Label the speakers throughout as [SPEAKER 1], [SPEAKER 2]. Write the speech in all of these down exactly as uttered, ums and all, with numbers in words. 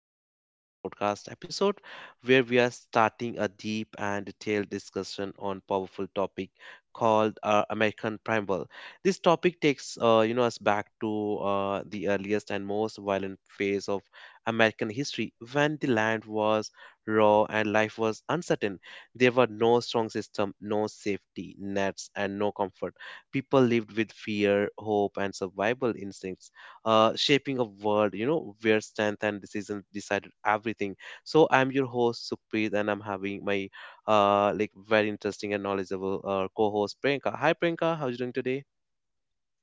[SPEAKER 1] to uh, today's podcast episode where we are starting a deep and detailed discussion on powerful topic called uh, American Primal. This topic takes uh, you know us back to uh, the earliest and most violent phase of American history when the land was raw and life was uncertain. There were no strong system, no safety nets, and no comfort. People lived with fear, hope, and survival instincts uh, shaping a world, you know, where strength and decision decided everything. So I'm your host Sukhpreet, and I'm having my uh, like very interesting and knowledgeable uh, co-host Priyanka. Hi Priyanka, how are you doing today?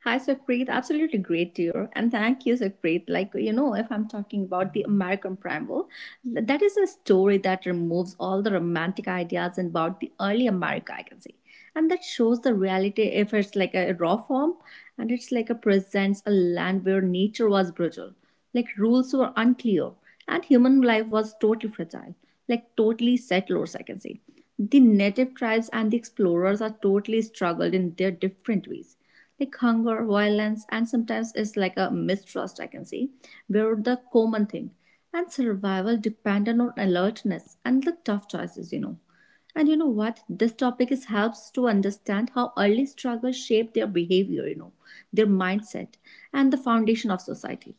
[SPEAKER 2] Hi, Sukhpreet. Absolutely great to hear. And thank you, Sukhpreet. Like, you know, if I'm talking about the American Primal, that is a story that removes all the romantic ideas about the early America, I can say. And that shows the reality if it's like a raw form, and it's like a presents a land where nature was brutal, like rules were unclear, and human life was totally fragile, like totally settlers, I can say. The native tribes and the explorers are totally struggled in their different ways like hunger, violence, and sometimes it's like a mistrust, I can see, were the common thing. And survival depended on alertness and the tough choices, you know. And you know what? This topic is helps to understand how early struggles shape their behavior, you know, their mindset, and the foundation of society.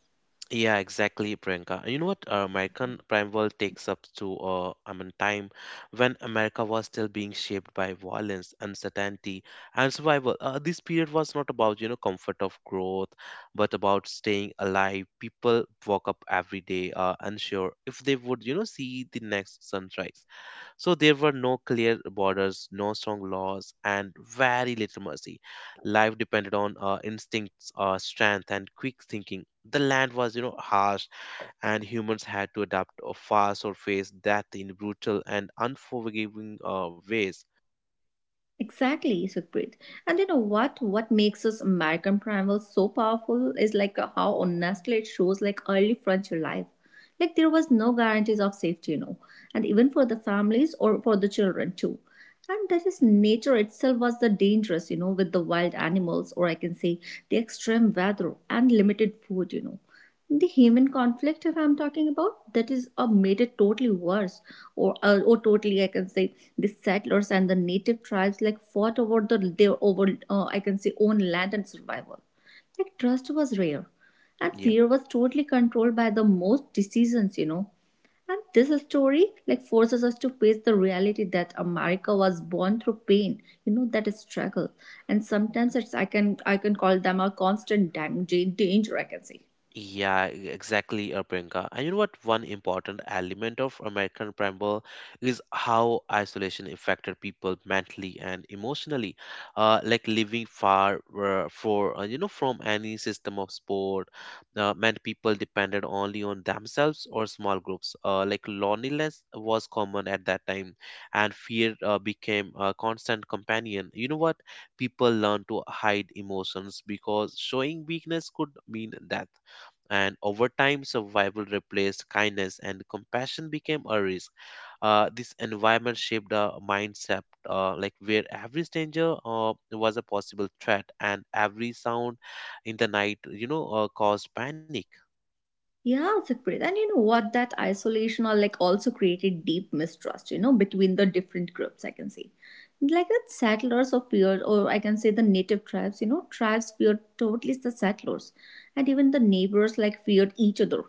[SPEAKER 1] Yeah, exactly, Priyanka. You know what? Uh, American Prime World takes up to, uh, I mean, time when America was still being shaped by violence, uncertainty, and survival. Uh, this period was not about, you know, comfort of growth, but about staying alive. People woke up every day, uh, unsure if they would, you know, see the next sunrise. So there were no clear borders, no strong laws, and very little mercy. Life depended on uh, instincts, uh, strength, and quick thinking. The land was, you know, harsh, and humans had to adapt uh, fast or face death in brutal and unforgiving uh, ways.
[SPEAKER 2] Exactly, Sukhpreet. And you know what? What makes us American Primal so powerful is like how honestly it shows like early frontier life. Like there was no guarantees of safety, you know, and even for the families or for the children too. And that is nature itself was the dangerous, you know, with the wild animals, or I can say the extreme weather and limited food, you know. The human conflict, if I'm talking about, that is uh, made it totally worse, or uh, or totally, I can say, the settlers and the native tribes like fought over the, their over uh, I can say own land and survival, like trust was rare and
[SPEAKER 1] Yeah.
[SPEAKER 2] fear was totally controlled by the most decisions you know And this story like forces us to face the reality that america was born through pain you know that is struggle, and sometimes it's I can I can call them a constant dang- dan- danger I can say.
[SPEAKER 1] Yeah, e- exactly, uh, Priyanka. And you know what? One important element of American Primal is how isolation affected people mentally and emotionally. Uh, like living far uh, for uh, you know from any system of sport, uh, meant people depended only on themselves or small groups. Uh, like loneliness was common at that time, and fear uh, became a constant companion. You know what? People learned to hide emotions because showing weakness could mean death, and over time survival replaced kindness and compassion became a risk. Uh, this environment shaped a mindset, uh, like where every stranger uh, was a possible threat and every sound in the night you know uh, caused panic.
[SPEAKER 2] Yeah, separate. And you know what? That isolation or like also created deep mistrust, you know, between the different groups, I can say. Like that settlers or feared, or I can say the native tribes, you know, tribes feared totally the settlers. And even the neighbors like feared each other.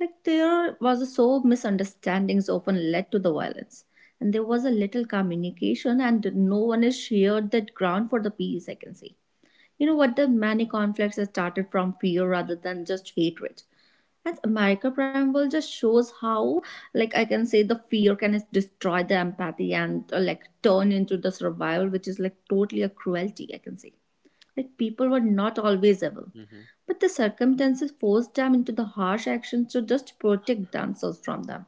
[SPEAKER 2] Like there was a so misunderstandings often led to the violence. And there was a little communication and no one has shared that ground for the peace, I can say. You know what, the many conflicts have started from fear rather than just hatred, and America Prime just shows how, like, I can say the fear can destroy the empathy and uh, like turn into the survival, which is like totally a cruelty, I can say. Like, people were not always evil,
[SPEAKER 1] Mhm.
[SPEAKER 2] but the circumstances forced them into the harsh actions to just protect themselves from them.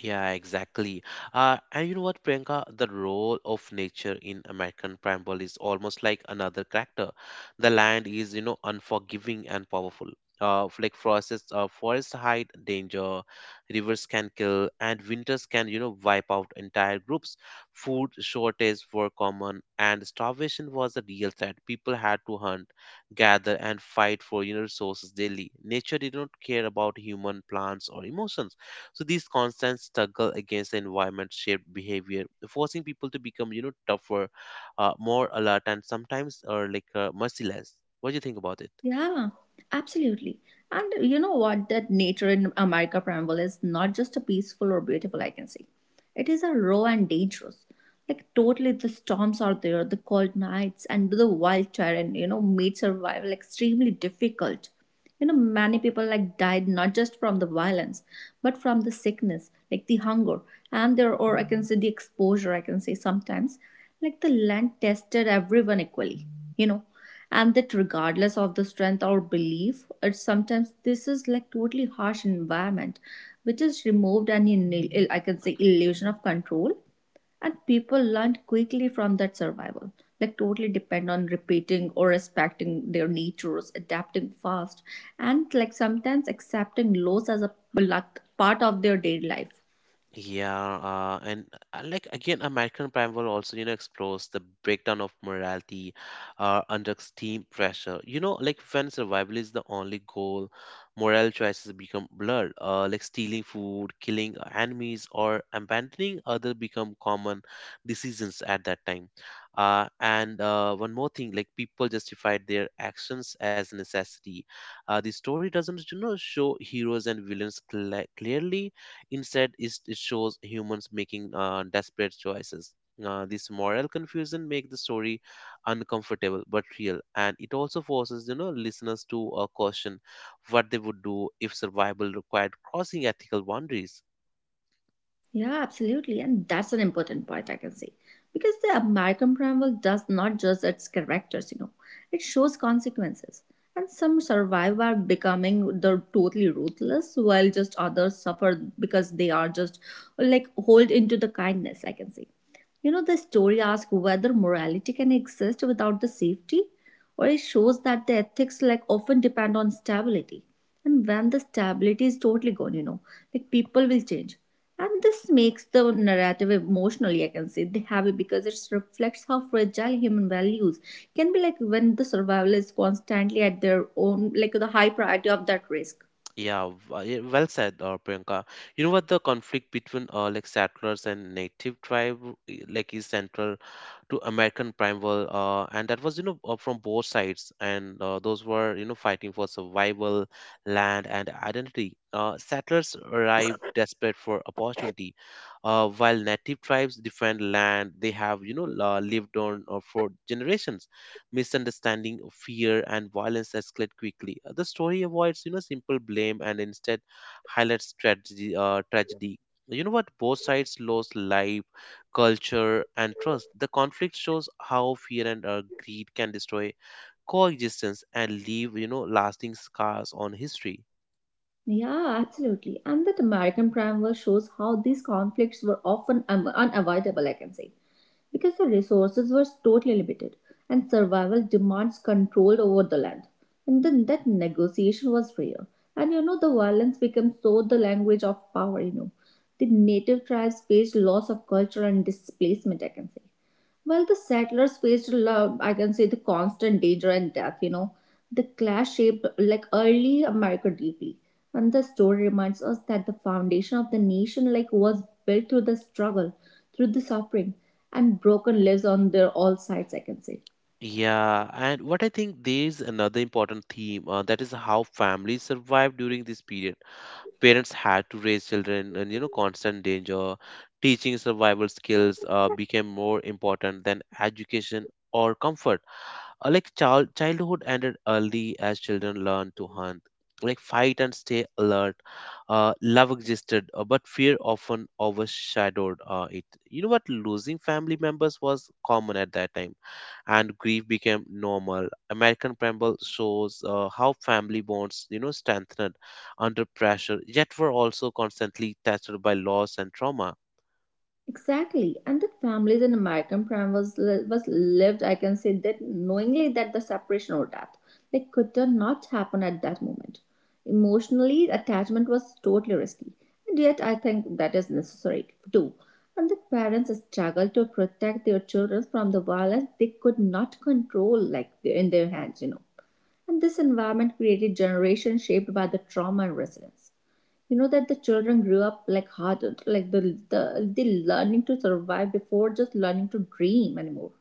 [SPEAKER 1] Yeah, exactly. Uh, and you know what, Priyanka? The role of nature in American Primeval is almost like another character. The land is, you know, unforgiving and powerful. Uh, f- like forests, uh, forests hide danger, rivers can kill, and winters can, you know, wipe out entire groups. Food shortages were common, and starvation was a real threat. People had to hunt, gather, and fight for, you know, resources daily. Nature did not care about human plants or emotions, so these constant struggle against the environment shaped behavior, forcing people to become you know tougher, uh, more alert, and sometimes or like uh, merciless. What do you think about it?
[SPEAKER 2] Yeah, absolutely. And you know what? That nature in America Preamble is not just a peaceful or beautiful, I can say. It is a raw and dangerous. Like totally the storms are there, the cold nights and the wild terrain, you know, made survival extremely difficult. You know, many people like died not just from the violence, but from the sickness, like the hunger, and there or I can say the exposure, I can say sometimes. Like the land tested everyone equally you know and that regardless of the strength or belief, it's sometimes this is like totally harsh environment which is removed and in I can say illusion of control, and people learn quickly from that survival, like totally depend on repeating or respecting their natures adapting fast, and like sometimes accepting loss as a like part of their daily life.
[SPEAKER 1] Yeah, uh, and uh, like again, American Primal also, you know, explores the breakdown of morality uh, under extreme pressure. You know, like when survival is the only goal, moral choices become blurred. Uh, like stealing food, killing uh, enemies, or abandoning other become common decisions at that time. Uh, and uh, one more thing, like people justified their actions as necessity. Uh, the story doesn't, you know, show heroes and villains cla clearly. Instead, it it shows humans making uh, desperate choices. Uh, this moral confusion makes the story uncomfortable but real, and it also forces you know listeners to uh, caution what they would do if survival required crossing ethical boundaries.
[SPEAKER 2] Yeah, absolutely. And that's an important point I can say. Because the American Primal does not judge its characters, you know, it shows consequences. And some survive by becoming the totally ruthless, while just others suffer because they are just like hold into the kindness, I can say. You know, the story asks whether morality can exist without the safety, or it shows that the ethics like often depend on stability. And when the stability is totally gone, you know, like people will change. And this makes the narrative emotionally, I can say, they have it because it reflects how fragile human values can be like when the survival is constantly at their own, like the high priority of that risk.
[SPEAKER 1] Yeah, w- uh, yeah, well said, uh, Priyanka. You know what, the conflict between uh, like settlers and native tribe i- like is central to American Primeval, uh, and that was you know uh, from both sides, and uh, those were you know fighting for survival, land, and identity. Uh, settlers arrived desperate for opportunity, uh, while native tribes defend land they have you know uh, lived on uh, for generations. Misunderstanding, fear, and violence escalate quickly. Uh, The story avoids, you know, simple blame and instead highlights tragedy. Uh, tragedy. You know what? Both sides lost life, culture, and trust. The conflict shows how fear and uh, greed can destroy coexistence and leave, you know, lasting scars on history.
[SPEAKER 2] Yeah, absolutely. And that American Prime War shows how these conflicts were often um, unavoidable, I can say. Because the resources were totally limited and survival demands control over the land. And then that negotiation was rare. And you know, the violence became so the language of power, you know. The native tribes faced loss of culture and displacement, I can say. Well, the settlers faced, love, I can say, the constant danger and death, you know. The clash shaped like early America deeply. And the story reminds us that the foundation of the nation like was built through the struggle, through the suffering, and broken lives on their all sides, I can say.
[SPEAKER 1] Yeah, and what I think, there is another important theme, uh, that is how families survived during this period. Parents had to raise children in you know constant danger. Teaching survival skills uh, became more important than education or comfort. Uh, like child childhood ended early as children learned to hunt, like fight and stay alert. Uh, love existed, uh, but fear often overshadowed uh, it. You know what, losing family members was common at that time, and grief became normal. American Pramble shows uh, how family bonds, you know, strengthened under pressure, yet were also constantly tested by loss and trauma.
[SPEAKER 2] Exactly, and that families in American prime was was lived. I can say that knowingly that the separation or death like could not happen at that moment. Emotionally, attachment was totally risky, and yet I think that is necessary too. And that parents struggle to protect their children from the violence they could not control, like in their hands, you know. And this environment created generations shaped by the trauma and resilience you know that the children grew up like hard, like the the they learning to survive before just learning to dream anymore.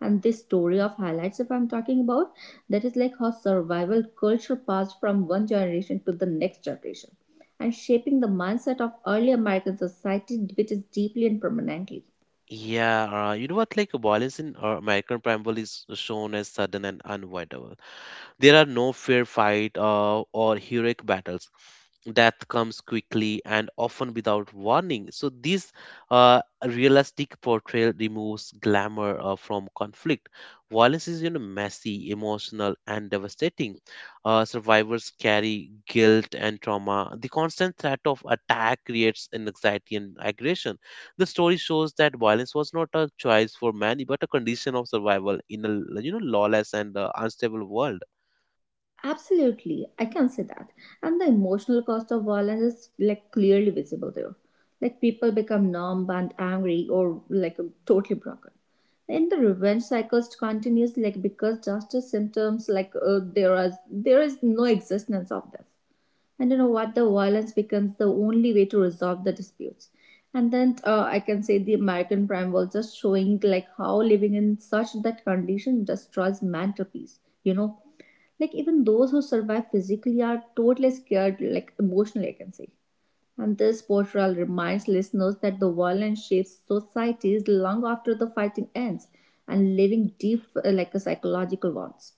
[SPEAKER 2] And this story of highlights if I'm talking about, that is like how survival culture passed from one generation to the next generation, and shaping the mindset of early american society which is deeply and permanently.
[SPEAKER 1] Yeah, uh, you know what? Like violence in uh, American Preamble is shown as sudden and unavoidable. There are no fair fight uh, or heroic battles. Death comes quickly and often without warning. So, this uh, realistic portrayal removes glamour uh, from conflict. Violence is, you know, messy, emotional, and devastating. Uh, survivors carry guilt and trauma. The constant threat of attack creates an anxiety and aggression. The story shows that violence was not a choice for many, but a condition of survival in a you know lawless and uh, unstable world.
[SPEAKER 2] Absolutely, I can say that. And the emotional cost of violence is like clearly visible there. Like people become numb and angry or like totally broken. And the revenge cycles continues like because justice symptoms like uh, there is there is no existence of them. And you know what, the violence becomes the only way to resolve the disputes. And then uh, I can say the american prime was just showing like how living in such that condition destroys mental peace, you know, like even those who survive physically are totally scared like emotionally I can say. And this portrayal reminds listeners that the violence shapes societies long after the fighting ends, and leaving deep uh, like a psychological wounds.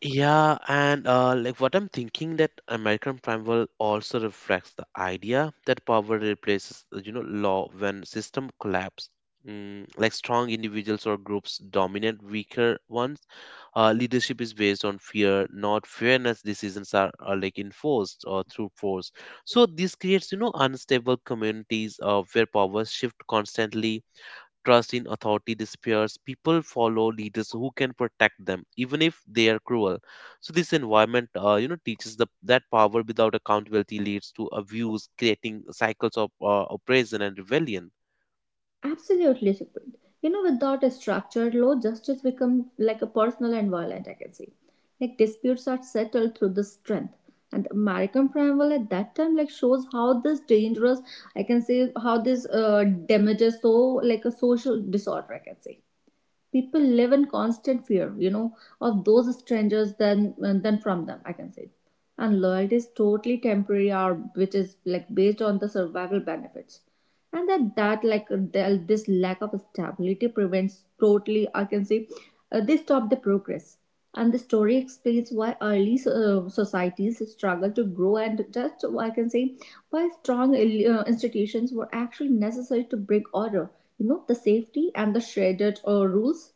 [SPEAKER 1] Yeah, and uh, like what I'm thinking that American Prime will also reflects the idea that power replaces, uh, you know, law when system collapse. Mm, like strong individuals or groups dominate weaker ones. Uh, leadership is based on fear, not fairness. Decisions are, are like enforced or through force. So this creates, you know, unstable communities uh, where power shift constantly. Trust in authority disappears. People follow leaders who can protect them, even if they are cruel. So this environment, uh, you know, teaches the, that power without accountability leads to abuse, creating cycles of uh, oppression and rebellion.
[SPEAKER 2] Absolutely, Sukhpreet. You know, without a structure, law, justice becomes like a personal and violent, I can say. Like disputes are settled through the strength. And the American preamble at that time like shows how this dangerous, I can say, how this uh, damages so like a social disorder, I can say. People live in constant fear, you know, of those strangers than than from them I can say. And loyalty is totally temporary or which is like based on the survival benefits. And that that like the, this lack of stability prevents totally I can say, uh, they stop the progress. And the story explains why early uh, societies struggle to grow and just I can say why strong uh, institutions were actually necessary to bring order. You know, the safety and the shredded uh, rules.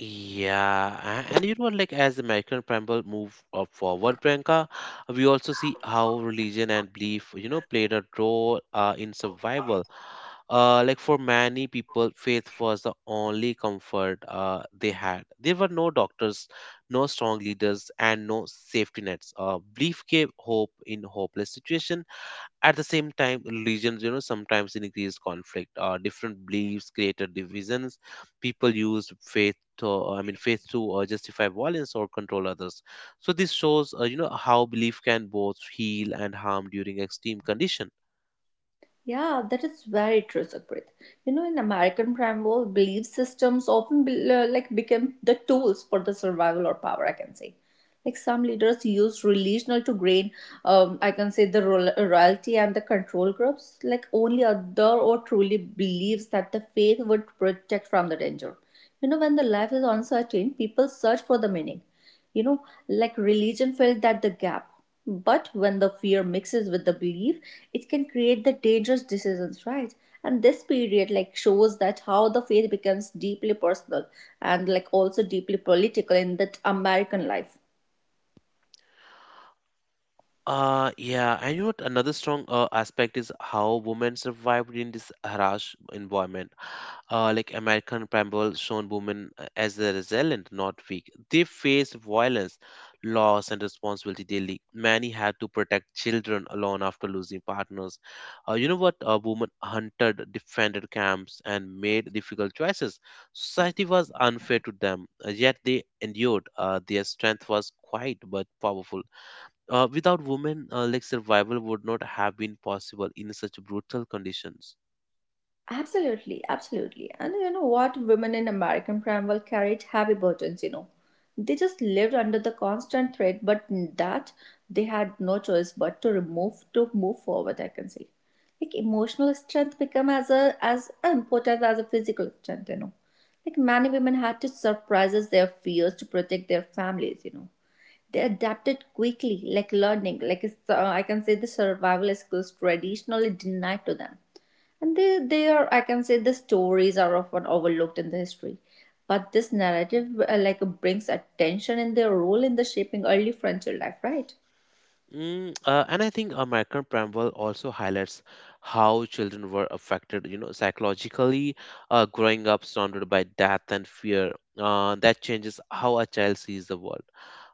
[SPEAKER 1] Yeah, a- and you know, like as the American Prime move up forward, Priyanka, we also see how religion and belief, you know, played a role uh, in survival. Uh, like for many people, faith was the only comfort uh, they had. There were no doctors, no strong leaders, and no safety nets. Uh, belief gave hope in hopeless situation. At the same time, religions, you know, sometimes increased conflict. Uh, different beliefs created divisions. People used faith to, uh, I mean, faith to uh, justify violence or control others. So this shows, uh, you know, how belief can both heal and harm during extreme condition.
[SPEAKER 2] Yeah, that is very true, Sukrit. You know, in American primal belief systems often be, uh, like became the tools for the survival or power. I can say, like some leaders use relational to gain, um, I can say the royal- royalty and the control groups. Like only other or truly believes that the faith would protect from the danger. You know, when the life is uncertain, people search for the meaning. You know, like religion filled that the gap, but when the fear mixes with the belief, it can create the dangerous decisions, right? And this period like shows that how the faith becomes deeply personal and like also deeply political in that american life.
[SPEAKER 1] Uh, yeah, and you know what? Another strong uh, aspect is how women survived in this harsh environment. Uh, like American Pramble shown women uh, as a resilient, not weak. They faced violence, loss, and responsibility daily. Many had to protect children alone after losing partners. Uh, you know what? Uh, women hunted, defended camps, and made difficult choices. Society was unfair to them, uh, yet they endured. Uh, their strength was quiet but powerful. Uh, without women, uh, like survival would not have been possible in such brutal conditions.
[SPEAKER 2] Absolutely, absolutely. And you know what? Women in American Primeval carried heavy burdens, you know. They just lived under the constant threat, but that they had no choice but to remove to move forward, I can say. Like emotional strength become as a as important as a physical strength, you know. Like many women had to surprise their fears to protect their families, you know. They adapted quickly, like learning, like it's, uh, I can say the survival skills traditionally denied to them. And they, they are I can say the stories are often overlooked in the history, but this narrative uh, like brings attention and their role in the shaping early frontier life, right?
[SPEAKER 1] Mm, uh, and I think American Preamble also highlights how children were affected, you know, psychologically, uh, growing up surrounded by death and fear. Uh, that changes how a child sees the world.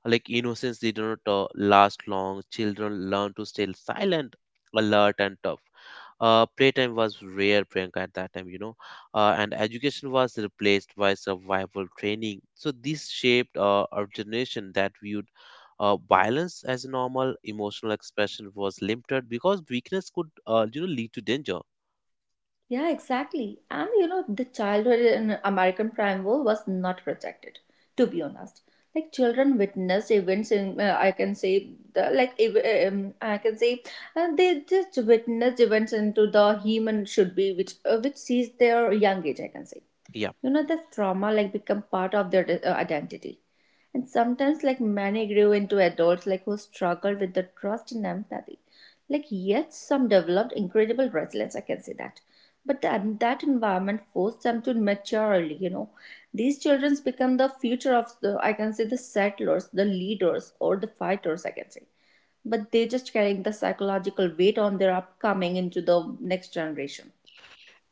[SPEAKER 1] Like innocence did not uh, last long. Children learn to stay silent, alert, and tough. Uh, playtime was rare, Priyanka, at that time, you know, uh, and education was replaced by survival training. So this shaped uh, our generation that viewed uh, violence as normal. Emotional expression was limited because weakness could, uh, you know, lead to danger.
[SPEAKER 2] Yeah, exactly. And you know, the childhood in American Prime War was not protected, to be honest. Like children witnessed events in, uh, I can say, the, like ev- um, I can say, uh, they just witnessed events into the human should be, which uh, which sees their young age. I can say,
[SPEAKER 1] Yeah.
[SPEAKER 2] you know, this trauma like become part of their uh, identity. And sometimes like many grew into adults like who struggled with the trust and empathy, like yet some developed incredible resilience, I can say that. But that, that environment forced them to mature early, you know. These children become the future of the, I can say, the settlers, the leaders, or the fighters, I can say, but they just carrying the psychological weight on their upcoming into the next generation.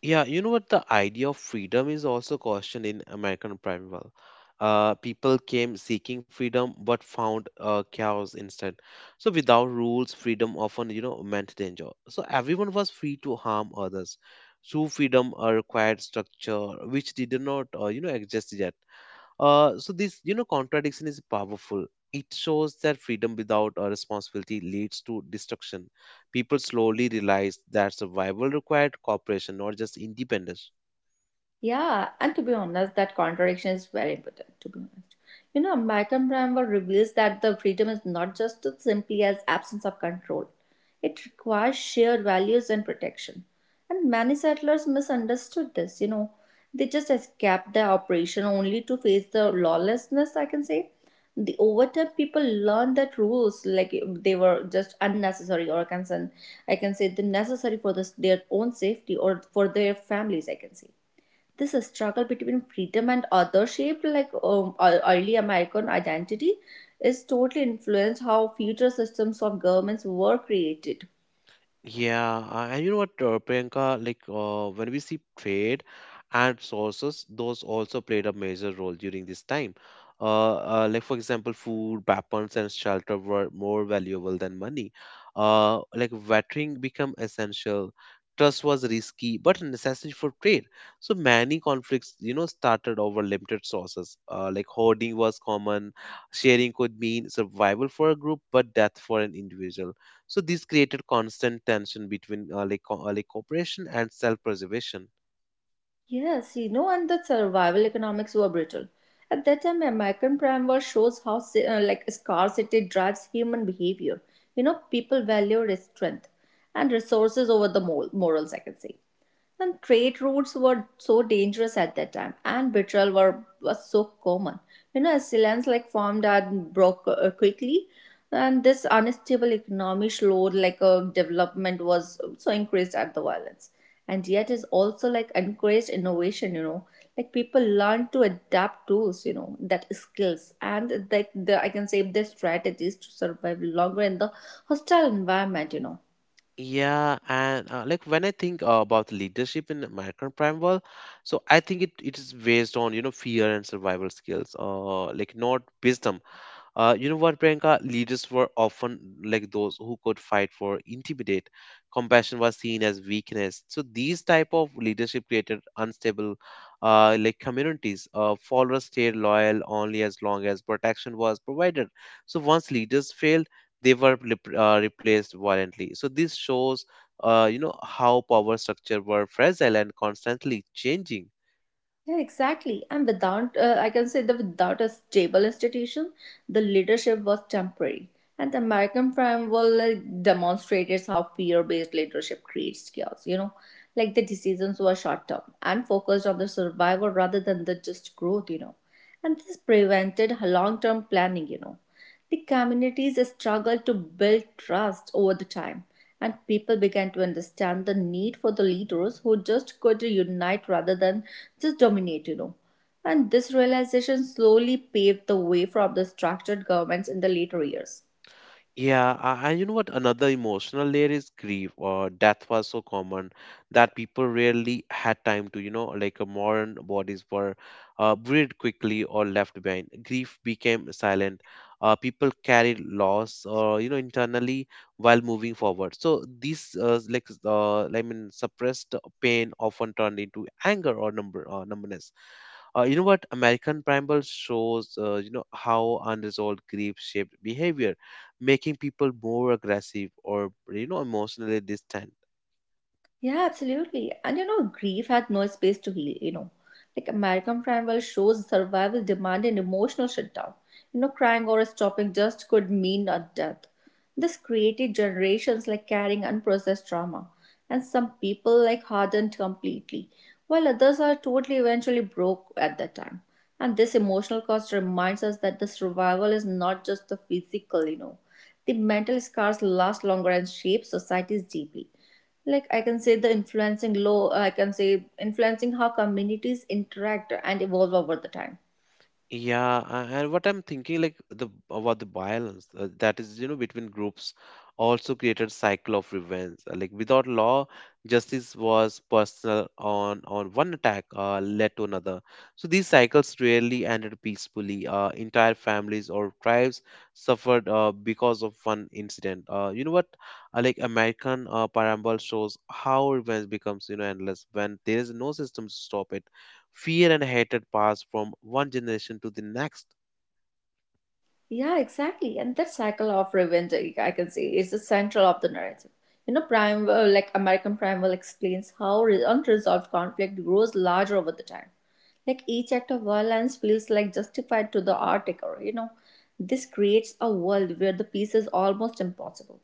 [SPEAKER 1] Yeah, you know what? The idea of freedom is also questioned in American Primeval. Uh, people came seeking freedom but found uh, chaos instead. So without rules, freedom often, you know, meant danger. So everyone was free to harm others. True freedom uh, required structure, which did not, uh, you know, exist yet. Uh, so this, you know, contradiction is powerful. It shows that freedom without a responsibility leads to destruction. People slowly realize that survival required cooperation, not just independence.
[SPEAKER 2] Yeah, and to be honest, that contradiction is very important. To be honest, you know, Malcolm Gladwell reveals that the freedom is not just as simply as absence of control; it requires shared values and protection. And many settlers misunderstood this. You know, they just escaped the operation only to face the lawlessness. I can say, the over time, people learned that rules like they were just unnecessary, or I can say, I can say, the necessary for this, their own safety or for their families. I can say this struggle between freedom and authorship, like um, ear- early American identity, is totally influenced how future systems of governments were created.
[SPEAKER 1] Yeah, uh, and you know what, uh, Priyanka, like uh, when we see trade and sources, those also played a major role during this time. Uh, uh, like for example, food, weapons, and shelter were more valuable than money. Uh, like vetting became essential. Trust was risky, but necessary for trade. So many conflicts, you know, started over limited sources. Uh, like hoarding was common. Sharing could mean survival for a group, but death for an individual. So this created constant tension between uh, like, co- uh, like cooperation and self-preservation.
[SPEAKER 2] Yes, you know, and the survival economics were brutal. At that time, American Primeval shows how si- uh, like scarcity drives human behavior. You know, people value their strength and resources over the mor- morals, I can say. And trade routes were so dangerous at that time and betrayal were was so common, you know, as lands like formed and broke uh, quickly. And this unstable economy slowed like a development was so increased at the violence, and yet is also like encouraged innovation, you know. Like people learn to adapt tools, you know, that skills and like the, I can say their strategies to survive longer in the hostile environment, you know.
[SPEAKER 1] Yeah, and uh, like when I think uh, about leadership in American Primeval, so I think it, it is based on you know fear and survival skills, uh, like not wisdom. Uh, you know what, Priyanka? Leaders were often like those who could fight for intimidate. Compassion was seen as weakness. So these type of leadership created unstable, uh, like communities. Uh, followers stayed loyal only as long as protection was provided. So once leaders failed, they were rep- uh, replaced violently. So this shows, uh, you know, how power structure were fragile and constantly changing.
[SPEAKER 2] Yeah, exactly. And without, uh, I can say that without a stable institution, the leadership was temporary. And the American framework like, demonstrated how fear-based leadership creates chaos. You know, like the decisions were short-term and focused on the survival rather than the just growth. You know, and this prevented long-term planning. You know, the communities struggled to build trust over the time, and people began to understand the need for the leaders who just could unite rather than just dominate, you know. And this realization slowly paved the way for the structured governments in the later years.
[SPEAKER 1] Yeah, a- and you know what? Another emotional layer is grief. Or death was so common that people rarely had time to, you know, like uh, modern bodies were uh, buried quickly or left behind. Grief became silent. Uh, people carried loss, uh, you know, internally while moving forward. So these, uh, like, uh, I mean, suppressed pain often turned into anger or number, uh, numbness. Uh, you know what? American primal shows, uh, you know, how unresolved grief shaped behavior, making people more aggressive or, you know, emotionally distant.
[SPEAKER 2] Yeah, absolutely. And you know, grief had no space to heal, you know. Like American Crime shows survival demand and emotional shutdown. You know, crying or stopping just could mean a death. This created generations like carrying unprocessed trauma. And some people like hardened completely, while others are totally eventually broke at that time. And this emotional cost reminds us that the survival is not just the physical, you know. The mental scars last longer and shape societies deeply, like I can say the influencing law, uh, I can say influencing how communities interact and evolve over the time.
[SPEAKER 1] Yeah, a- and what I'm thinking, like the about the violence, uh, that is, you know, between groups, also created cycle of revenge. Uh, Like without law, justice was personal. On on one attack uh, led to another. So these cycles rarely ended peacefully. Uh, entire families or tribes suffered uh, because of one incident. Uh, you know what? Uh, like American uh, Parable shows how revenge becomes, you know, endless when there is no system to stop it. Fear and hatred pass from one generation to the next.
[SPEAKER 2] Yeah, exactly. And that cycle of revenge, I I can say, is the central of the narrative. You know, Primeval, like American Primeval, explains how re- unresolved conflict grows larger over the time. Like each act of violence feels like justified to the art taker, you know. This creates a world where the peace is almost impossible.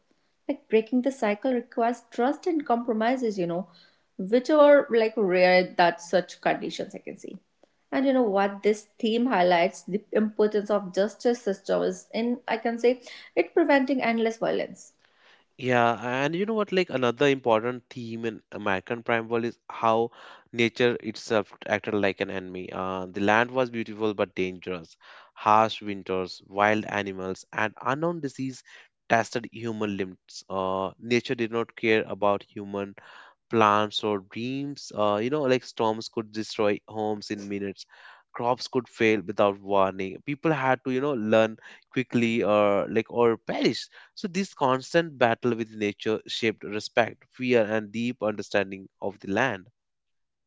[SPEAKER 2] Like breaking the cycle requires trust and compromises, you know, which are like rare that such conditions I can see. And you know what, this theme highlights the importance of justice systems in, I can say, it preventing endless violence.
[SPEAKER 1] Yeah, and you know what? Like another important theme in American Primeval is how nature itself acted like an enemy. Uh, the land was beautiful but dangerous. Harsh winters, wild animals, and unknown disease tested human limits. Uh, nature did not care about human plans or dreams. Uh, you know, like storms could destroy homes in minutes. Crops could fail without warning. People had to, you know, learn quickly or like or perish. So this constant battle with nature shaped respect, fear, and deep understanding of the land.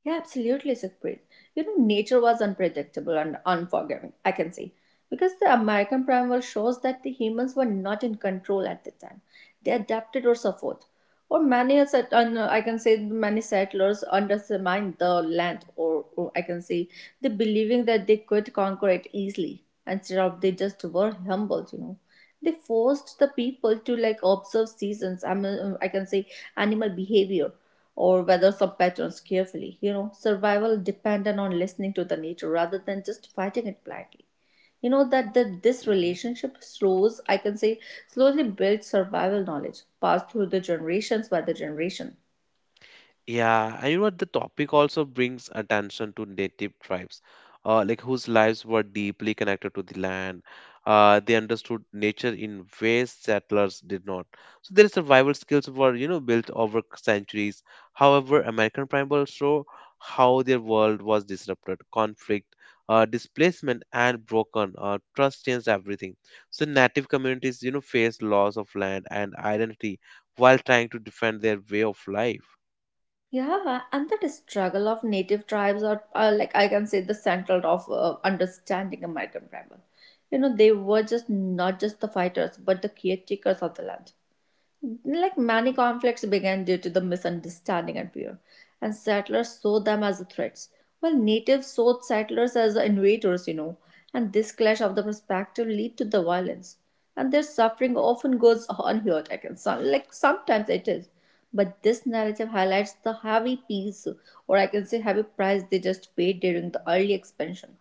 [SPEAKER 2] Yeah, absolutely, Sukhpreet. You know, nature was unpredictable and unforgiving, I can say, because the American Primal shows that the humans were not in control at the time. They adapted or suffered, or many a set- and, uh, no, I can say many settlers undermined the land, or, or I can say they believing that they could conquer it easily instead of they just were humbled, you know. They forced the people to like observe seasons, I mean uh, I can say animal behavior or whether some patterns carefully, you know. Survival dependent on listening to the nature rather than just fighting it blindly, you know. That the, this
[SPEAKER 1] Mm-hmm.
[SPEAKER 2] relationship slows, I can say, slowly built survival knowledge passed through the generations by the generation.
[SPEAKER 1] Yeah, and you know what? The topic also brings attention to native tribes, uh, like whose lives were deeply connected to the land. Uh, they understood nature in ways settlers did not. So their survival skills were, you know, built over centuries. However, American Tribals show how their world was disrupted. Conflict, uh, displacement, and broken. Uh, trust changed everything. So native communities, you know, faced loss of land and identity while trying to defend their way of life.
[SPEAKER 2] Yeah, and that struggle of native tribes are, are like, I can say, the central of uh, understanding American tribal. You know, they were just not just the fighters, but the caretakers of the land. Like many conflicts began due to the misunderstanding and fear, and settlers saw them as threats, while natives saw settlers as invaders, you know, and this clash of the perspective lead to the violence. And their suffering often goes unheard, I can some like sometimes it is. But this narrative highlights the heavy piece, or I can say heavy price they just paid during the early expansion.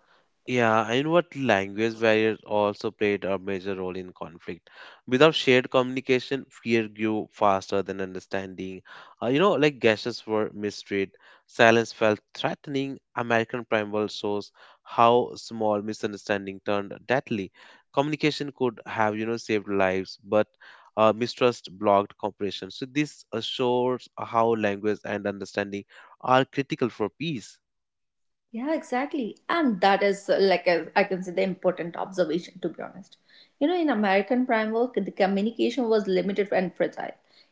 [SPEAKER 1] Yeah, and what language barriers also played a major role in conflict. Without shared communication, fear grew faster than understanding. Uh, you know, like gashes were mistreated, silence felt threatening. American Primal shows how small misunderstanding turned deadly. Communication could have, you know, saved lives, but uh, mistrust blocked cooperation. So this assures how language and understanding are critical for peace.
[SPEAKER 2] Yeah, exactly. And that is uh, like a, I can say the important observation, to be honest. You know, in American prime work, the communication was limited and fragile.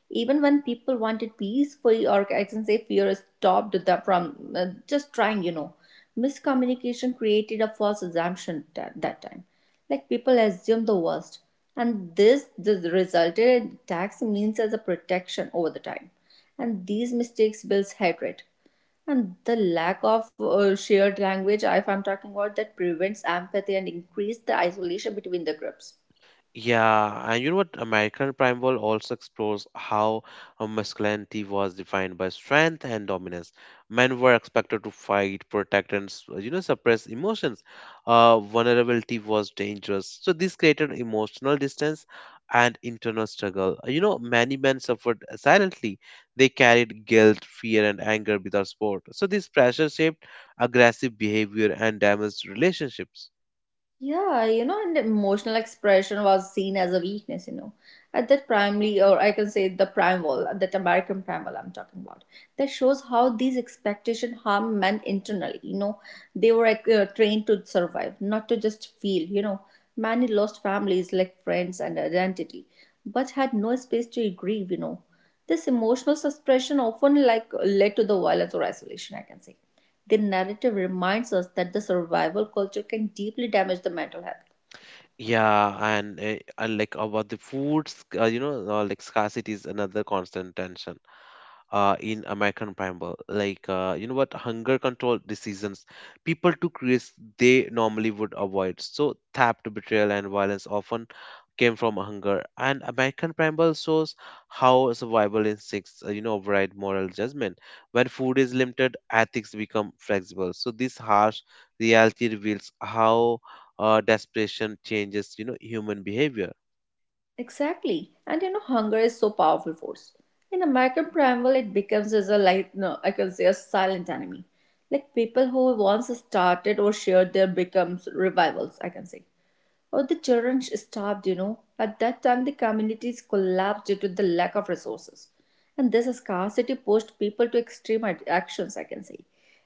[SPEAKER 2] Even when people wanted peace, fe- or I can say fear stopped them from uh, just trying, you know. Miscommunication created a false assumption at that time. Like people assumed the worst. And this, this resulted in attacks means as a protection over the time. And these mistakes builds hatred, and the lack of uh, shared language, if I'm talking about that, prevents empathy and increase the isolation between the groups.
[SPEAKER 1] Yeah, and you know what? American Primeval also explores how uh, masculinity was defined by strength and dominance. Men were expected to fight, protect, and s- you know, suppress emotions. Uh, vulnerability was dangerous, so this created emotional distance and internal struggle. You know, many men suffered silently. They carried guilt, fear, and anger without support. So this pressure shaped aggressive behavior and damaged relationships.
[SPEAKER 2] Yeah, you know, and emotional expression was seen as a weakness, you know. At that primarily, or I can say the primal, that American primal I'm talking about, that shows how these expectation harm men internally, you know. They were like, uh, trained to survive, not to just feel, you know. Many lost families, like friends and identity, but had no space to grieve, you know. This emotional suppression often like led to the violence or isolation, I can say the narrative reminds us that the survival culture can deeply damage the mental health.
[SPEAKER 1] Yeah, and uh, uh, like about the foods, uh, you know, uh, like scarcity is another constant tension uh, in American Bible. Like uh, you know what? Hunger control decisions. People took risks they normally would avoid. So theft, betrayal, and violence often came from hunger. And American Primal shows how survival instincts, uh, you know, override moral judgment. When food is limited, ethics become flexible. So this harsh reality reveals how uh, desperation changes, you know, human behavior.
[SPEAKER 2] Exactly. And you know, hunger is so powerful force. In American Primal, it becomes as a like no, I can say a silent enemy. Like people who once started or shared their becomes revivals, I can say. Or the children starved, you know. At that time, the communities collapsed due to the lack of resources. And this scarcity pushed people to extreme ad- actions, I can say.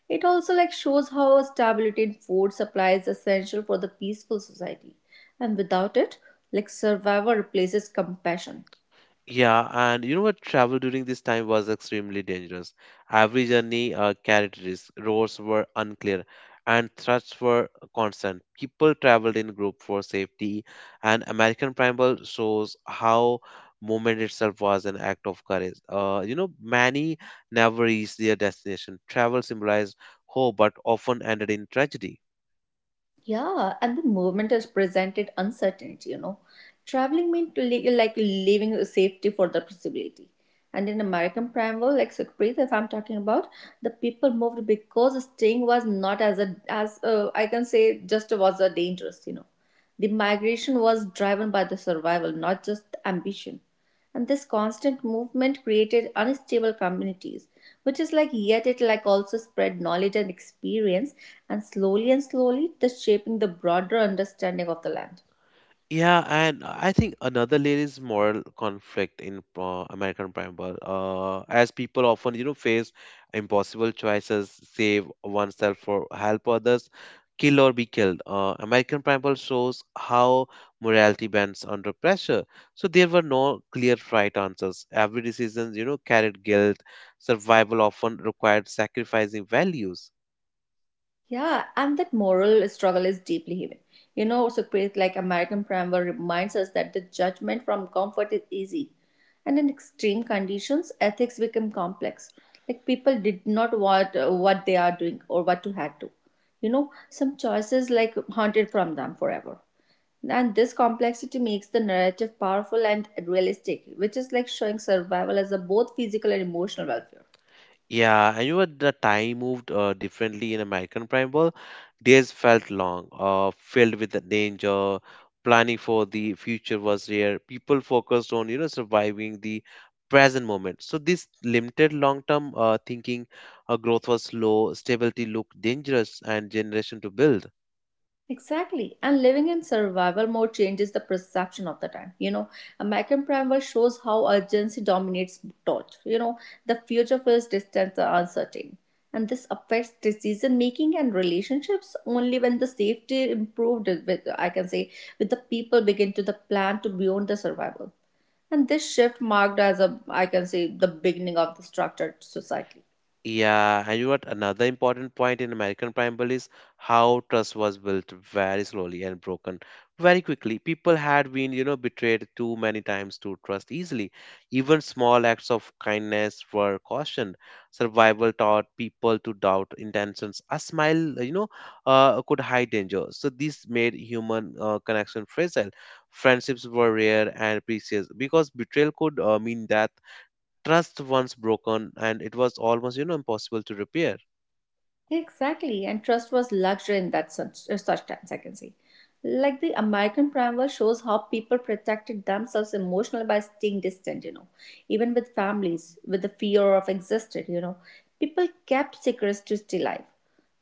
[SPEAKER 2] It also like shows how stability in food supply is essential for the peaceful society. And without it, like survival replaces compassion.
[SPEAKER 1] Yeah, and you know what? Travel during this time was extremely dangerous. Every journey uh, carried risk. Roads were unclear, and threats were constant. People traveled in group for safety, and American Primal shows how movement itself was an act of courage. Uh, you know, many never reached their destination. Travel symbolized hope, but often ended in tragedy.
[SPEAKER 2] Yeah, and the movement has presented uncertainty, you know. Traveling meant li- like leaving safety for the possibility. And in American Primeval, like Sukhpreet, if I'm talking about, the people moved because staying was not as a as uh, I can say just was a dangerous, you know. The migration was driven by the survival, not just ambition. And this constant movement created unstable communities, which is like yet it like also spread knowledge and experience. And slowly and slowly this shaping the broader understanding of the land.
[SPEAKER 1] Yeah, and I think another layer is moral conflict in uh, American Primal, uh, as people often, you know, face impossible choices: save oneself or help others, kill or be killed. Uh, American Primal shows how morality bends under pressure. So there were no clear right answers. Every decision, you know, carried guilt. Survival often required sacrificing values.
[SPEAKER 2] Yeah, and that moral struggle is deeply human, you know, also great. Like American Primer reminds us that the judgment from comfort is easy, and in extreme conditions ethics become complex. Like people did not want uh, what they are doing or what to had to, you know. Some choices like haunted from them forever. And this complexity makes the narrative powerful and realistic, which is like showing survival as a both physical and emotional welfare.
[SPEAKER 1] Yeah, and you know the time moved uh, differently in American Primal. Days felt long, uh, filled with the danger. Planning for the future was rare. People focused on, you know, surviving the present moment. So this limited long-term uh, thinking. Uh, growth was slow. Stability looked dangerous, and generation to build.
[SPEAKER 2] Exactly. And living in survival mode changes the perception of the time. You know, American Primal shows how urgency dominates thought. You know, the future feels distant and uncertain. And this affects decision making and relationships only when the safety improved with, I can say, with the people begin to the plan to beyond the survival. And this shift marked as a, I can say, the beginning of the structured society.
[SPEAKER 1] Yeah, and you know what? Another important point in American Primeval is how trust was built very slowly and broken very quickly. People had been, you know, betrayed too many times to trust easily. Even small acts of kindness were cautioned. Survival taught people to doubt intentions. A smile, you know, uh, could hide danger. So this made human uh, connection fragile. Friendships were rare and precious because betrayal could uh, mean death. Trust once broken, and it was almost, you know, impossible to repair.
[SPEAKER 2] Exactly, and trust was luxury in that such, uh, such times, I can say. Like the American Primal shows how people protected themselves emotionally by staying distant, you know, even with families, with the fear of existed, you know. People kept secrets to stay alive.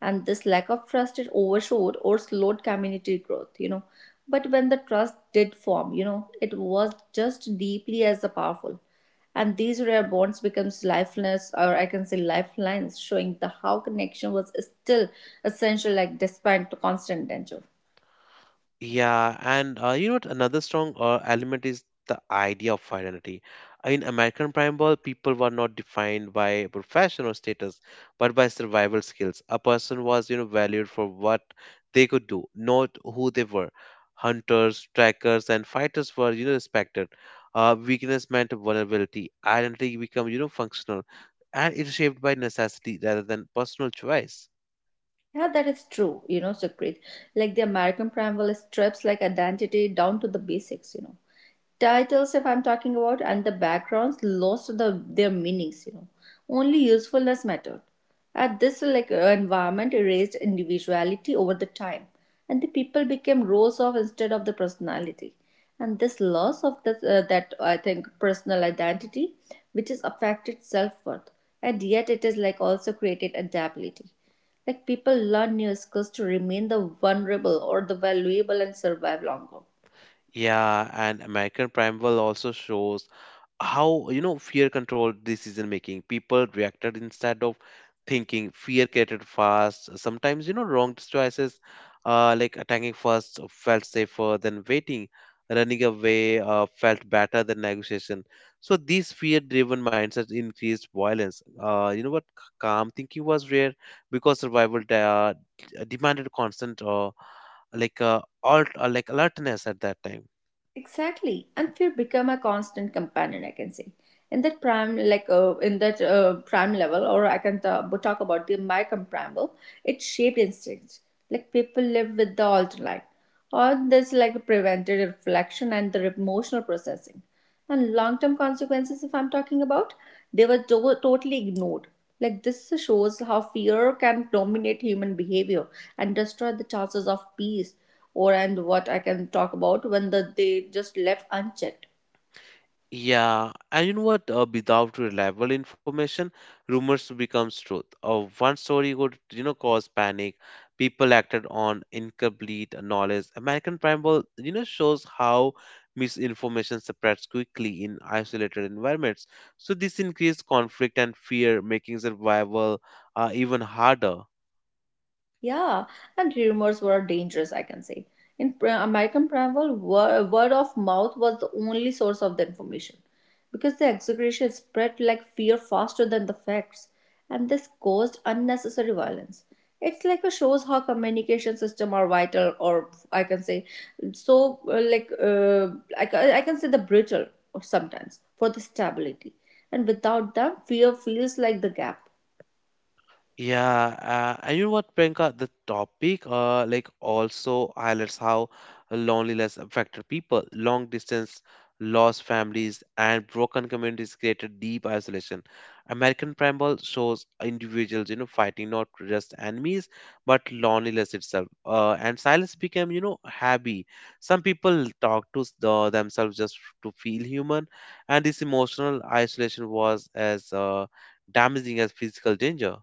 [SPEAKER 2] And this lack of trust, it overshadowed or slowed community growth, you know but when the trust did form, you know it was just deeply as the powerful. And these rare bonds becomes lifelines, or I can say lifelines, showing the how connection was still essential, like despite the constant danger.
[SPEAKER 1] Yeah, and uh, you know what? Another strong uh, element is the idea of identity in American Prime. People were not defined by profession or status, but by survival skills. A person was, you know, valued for what they could do, not who they were. Hunters, trackers, and fighters were, you know, respected. Uh, weakness meant vulnerability. Identity became, you know, functional, and it's shaped by necessity rather than personal choice.
[SPEAKER 2] Yeah, that is true, you know Sukrit. Like the American Primal strips like identity down to the basics, you know titles if I'm talking about, and the backgrounds lost the their meanings, you know only usefulness mattered. At this like uh, environment erased individuality over the time, and the people became roles of instead of the personality. And this loss of this, uh, that I think personal identity, which is affected self-worth, and yet it is like also created adaptability. Like people learn new skills to remain the vulnerable or the valuable and survive longer.
[SPEAKER 1] Yeah, and American Primeval also shows how, you know, fear controlled decision making. People reacted instead of thinking. Fear created fast, sometimes, you know, wrong choices. Uh, like attacking first felt safer than waiting. Running away uh, felt better than negotiation. So these fear-driven mindsets increased violence. Uh, you know what? C- Calm thinking was rare because survival de- uh, demanded constant, uh, like uh, alt, uh, like alertness at that time.
[SPEAKER 2] Exactly, and fear become a constant companion, I can say, in that prime, like uh, in that uh, prime level, or I can ta- but talk about the micron prime level. It shaped instincts. Like people live with the alternate, or this like prevented reflection and the emotional processing, and long term consequences if I'm talking about, they were to- totally ignored. Like this shows how fear can dominate human behavior and destroy the chances of peace, or and what I can talk about when the, they just left unchecked.
[SPEAKER 1] Yeah, and you know what? Uh, without reliable information, rumors becomes truth. Uh, one story could, you know, cause panic. People acted on incomplete knowledge. American Primal, you know, shows how misinformation spreads quickly in isolated environments. So this increased conflict and fear, making survival uh, even harder.
[SPEAKER 2] Yeah, and rumors were dangerous, I can say. In pr- American Primeval, wor- word of mouth was the only source of the information, because the exaggeration spread like fear faster than the facts, and this caused unnecessary violence. It's like a shows how communication system are vital, or I can say, so uh, like uh, like, I, ca- I can say the brittle sometimes for the stability, and without them, fear feels like the gap.
[SPEAKER 1] Yeah, uh, and you know what, Priyanka? The topic uh, like also highlights how loneliness affected people. Long distance, lost families, and broken communities created deep isolation. American Primal shows individuals, you know, fighting not just enemies but loneliness itself. Uh, and silence became, you know, happy. Some people talk to s- the, themselves just to feel human, and this emotional isolation was as uh, damaging as physical danger.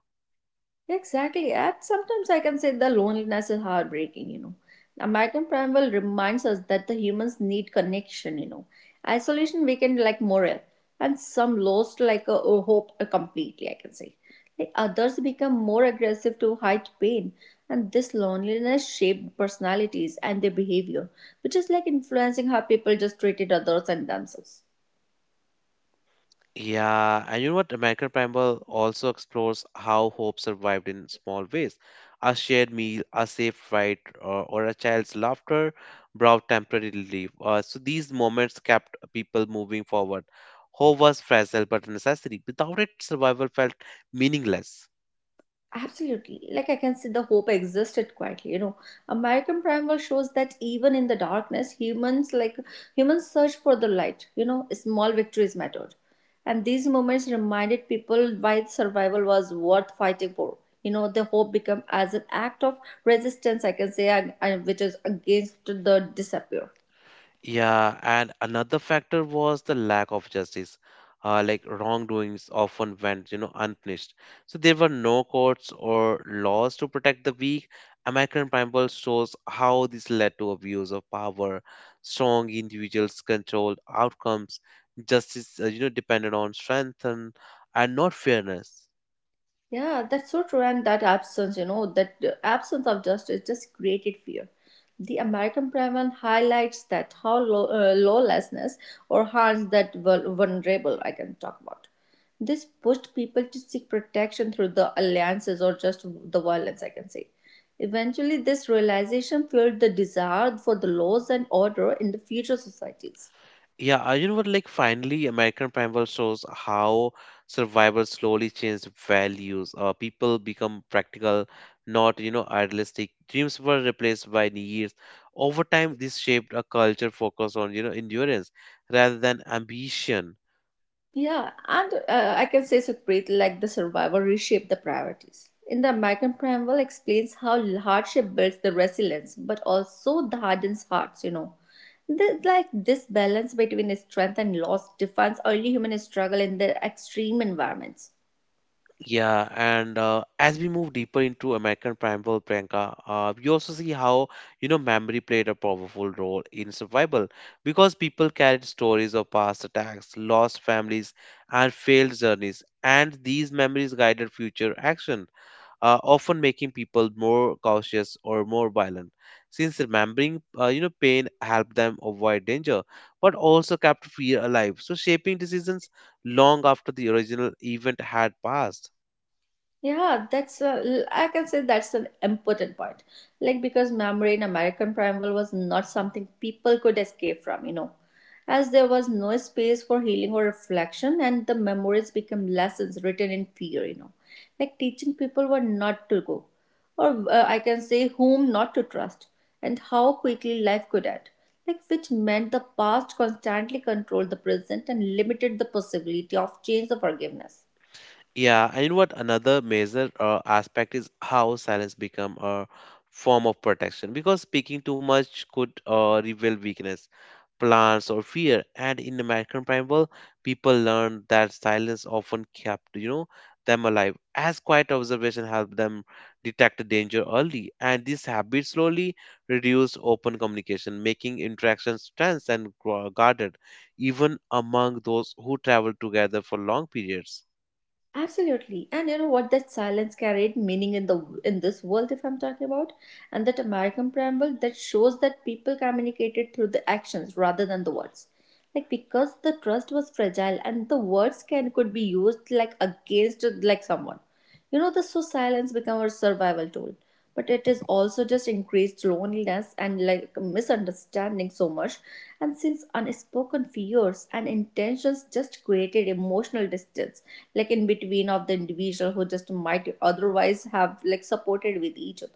[SPEAKER 2] Exactly. And sometimes I can say the loneliness is heartbreaking, you know. American Primal reminds us that the humans need connection, you know. Isolation weakened like morale, and some lost like a, a hope uh, completely, I can say. Like others become more aggressive to hide pain, and this loneliness shaped personalities and their behavior, which is like influencing how people just treated others and themselves.
[SPEAKER 1] Yeah, and you know what? American Primal also explores how hope survived in small ways. A shared meal, a safe ride, or, or a child's laughter brought temporary relief. Uh, so these moments kept people moving forward. Hope was fragile but necessary. Without it, survival felt meaningless.
[SPEAKER 2] Absolutely. Like I can see the hope existed quietly. You know, American Primal shows that even in the darkness, humans like humans search for the light. You know, small victories mattered, and these moments reminded people why survival was worth fighting for. You know, the hope become as an act of resistance, I can say, and- and which is against the disappear.
[SPEAKER 1] Yeah, and another factor was the lack of justice. Uh, like wrongdoings often went, you know, unpunished. So there were no courts or laws to protect the weak. American Bible shows how this led to abuse of power. Strong individuals controlled outcomes. Justice, uh, you know, depended on strength and, and not fairness.
[SPEAKER 2] Yeah, that's so true. And that absence, you know, that uh, absence of justice just created fear. The American Preman highlights that how law, uh, lawlessness or harms that vul- vulnerable I can talk about. This pushed people to seek protection through the alliances or just the violence, I can say. Eventually, this realization fueled the desire for the laws and order in the future societies.
[SPEAKER 1] Yeah, uh, you know what? Like, finally, American Primal shows how survivors slowly change values. Uh, people become practical, not, you know, idealistic. Dreams were replaced by needs. Over time, this shaped a culture focused on, you know, endurance rather than ambition.
[SPEAKER 2] Yeah, and uh, I can say Sukhpreet, like the survival reshaped the priorities. In the American Preamble explains how hardship builds the resilience, but also the hardens hearts, you know. The, like this balance between strength and loss defines early human struggle in their extreme environments.
[SPEAKER 1] Yeah, and uh, as we move deeper into American Prime World, Priyanka, uh, we also see how, you know, memory played a powerful role in survival, because people carried stories of past attacks, lost families, and failed journeys, and these memories guided future action, uh, often making people more cautious or more violent. Since remembering, uh, you know, pain helped them avoid danger, but also kept fear alive, so shaping decisions long after the original event had passed.
[SPEAKER 2] Yeah, that's a, l- I can say that's an important point. Like because memory in American Primeval was not something people could escape from, you know, as there was no space for healing or reflection, and the memories became lessons written in fear, you know, like teaching people what not to go, or uh, I can say whom not to trust, and how quickly life could end. Like which meant the past constantly controlled the present and limited the possibility of change or forgiveness.
[SPEAKER 1] Yeah, and you know what? Another major uh, aspect is how silence become a form of protection, because speaking too much could uh, reveal weakness, plans, or fear. And in American Primal, people learned that silence often kept, you know, them alive, as quiet observation helped them detect danger early. And this habit slowly reduced open communication, making interactions tense and gu- guarded, even among those who traveled together for long periods.
[SPEAKER 2] Absolutely. And you know what? That silence carried meaning in the in this world if I'm talking about. And that American preamble that shows that people communicated through the actions rather than the words. Like because the trust was fragile and the words can could be used like against like someone. You know, this so silence become our survival tool, but it is also just increased loneliness and like misunderstanding so much. And since unspoken fears and intentions just created emotional distance, like in between of the individual who just might otherwise have like supported with each other.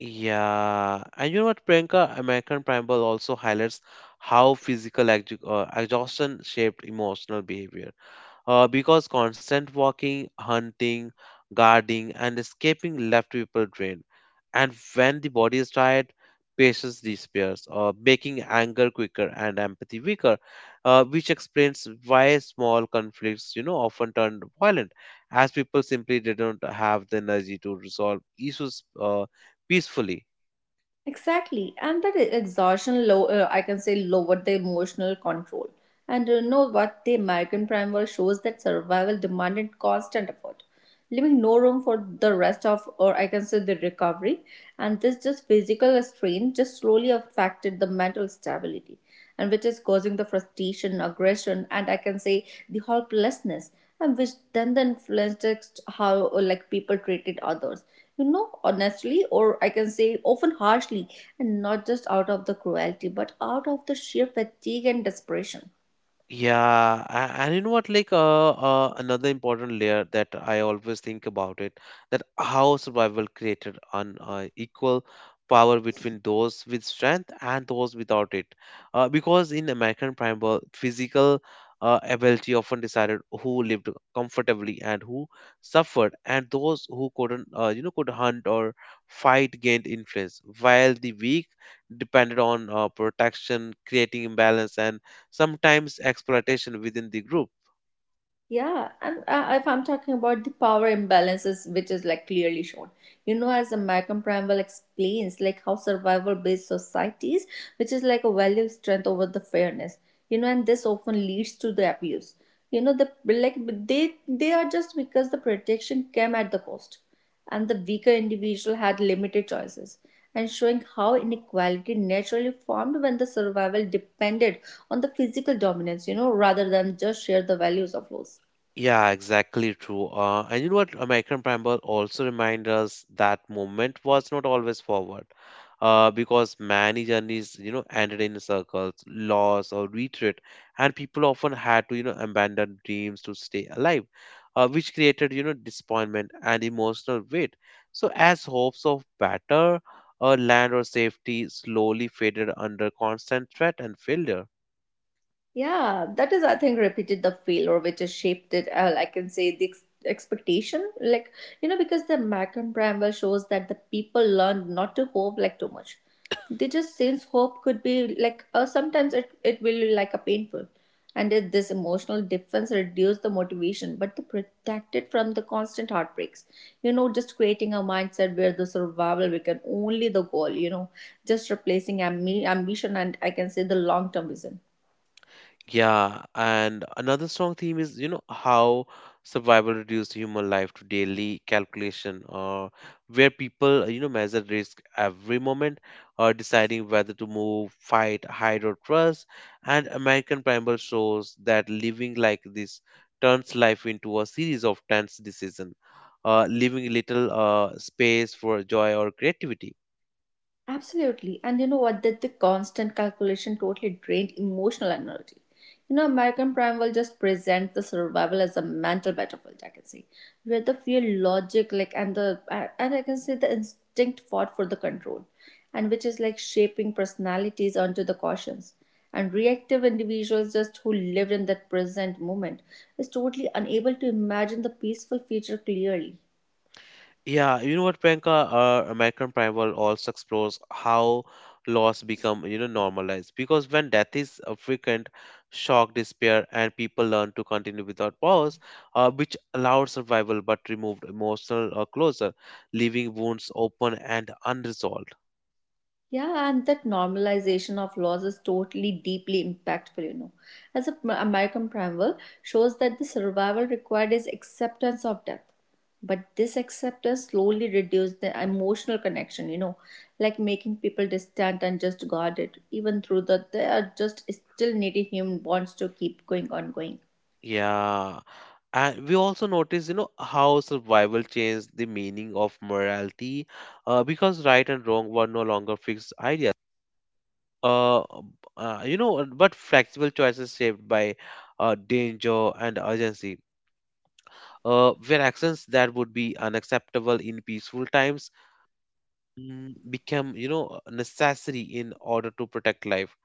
[SPEAKER 1] Yeah, and you know what, Priyanka? American Primal also highlights how physical ex- uh, exhaustion shaped emotional behavior, uh, because constant walking, hunting, guarding, and escaping left people drained. And when the body is tired, patience disappears, uh, making anger quicker and empathy weaker, uh, which explains why small conflicts, you know, often turn violent, as people simply didn't have the energy to resolve issues uh, peacefully.
[SPEAKER 2] Exactly, and that e-, exhaustion low, uh, I can say, lowered the emotional control. And you know what? The American primal shows that survival demanded constant effort, leaving no room for the rest of, or I can say, the recovery. And this just physical strain just slowly affected the mental stability, and which is causing the frustration, aggression, and I can say the helplessness, and which then then influenced how uh, like people treated others. You know, honestly, or I can say often harshly, and not just out of the cruelty, but out of the sheer fatigue and desperation.
[SPEAKER 1] Yeah, a- and you know what? Like, uh, uh, another important layer that I always think about it, that how survival created an uh, equal power between those with strength and those without it. Uh, because in American primeval, physical uh, ability often decided who lived comfortably and who suffered, and those who couldn't, uh, you know, could hunt or fight gained influence, while the weak depended on uh, protection, creating imbalance and sometimes exploitation within the group.
[SPEAKER 2] Yeah, and uh, if I'm talking about the power imbalances, which is like clearly shown, you know, as Malcolm Pramwell explains, like how survival based societies, which is like a value of strength over the fairness, you know, and this often leads to the abuse. You know, the like they they are just because the protection came at the cost, and the weaker individual had limited choices, and showing how inequality naturally formed when the survival depended on the physical dominance, you know, rather than just share the values of laws.
[SPEAKER 1] Yeah, exactly true. Uh, and you know what? American Preamble also reminds us that movement was not always forward, uh, because many journeys, you know, ended in circles, loss, or retreat, and people often had to, you know, abandon dreams to stay alive, uh, which created, you know, disappointment and emotional weight. So, as hopes of better uh, land or safety slowly faded under constant threat and failure.
[SPEAKER 2] Yeah, that is, I think, repeated the failure, which has shaped it. Uh, I can say the ex- expectation, like you know, because the Malcolm Bramwell shows that the people learn not to hope like too much. They just since hope could be like uh, sometimes it it will be like a painful, and it, this emotional defense reduced the motivation, but they protect it from the constant heartbreaks. You know, just creating a mindset where the survival become only the goal. You know, just replacing ambi- ambition and I can say the long term vision.
[SPEAKER 1] Yeah, and another strong theme is, you know, how survival reduced human life to daily calculation, or where people, you know, measure risk every moment, or deciding whether to move, fight, hide, or trust. And American Primal shows that living like this turns life into a series of tense decisions, uh, leaving little uh, space for joy or creativity.
[SPEAKER 2] Absolutely. And you know what? That the constant calculation totally drained emotional energy. You know, American Primal just presents the survival as a mental battlefield, I can say, where the fear, logic, like, and the, uh, and I can say the instinct fought for the control, and which is like shaping personalities onto the cautions. And reactive individuals, just who lived in that present moment, is totally unable to imagine the peaceful future clearly.
[SPEAKER 1] Yeah, you know what, Priyanka? Uh, American Primal also explores how loss become, you know, normalized. Because when death is uh, frequent, shock, despair, and people learn to continue without pause, uh, which allowed survival but removed emotional uh, closure, leaving wounds open and unresolved.
[SPEAKER 2] Yeah, and that normalization of laws is totally deeply impactful, you know. As a pr- American primal shows that the survival required is acceptance of death. But this acceptance slowly reduced the emotional connection, you know, like making people distant and just guarded, even through that they are just still needing human bonds to keep going on going.
[SPEAKER 1] Yeah, and we also notice, you know, how survival changed the meaning of morality, uh, because right and wrong were no longer fixed ideas uh, um, uh, you know, but flexible choices shaped by uh, danger and urgency. Uh, where actions that would be unacceptable in peaceful times mm, become, you know, necessary in order to protect life.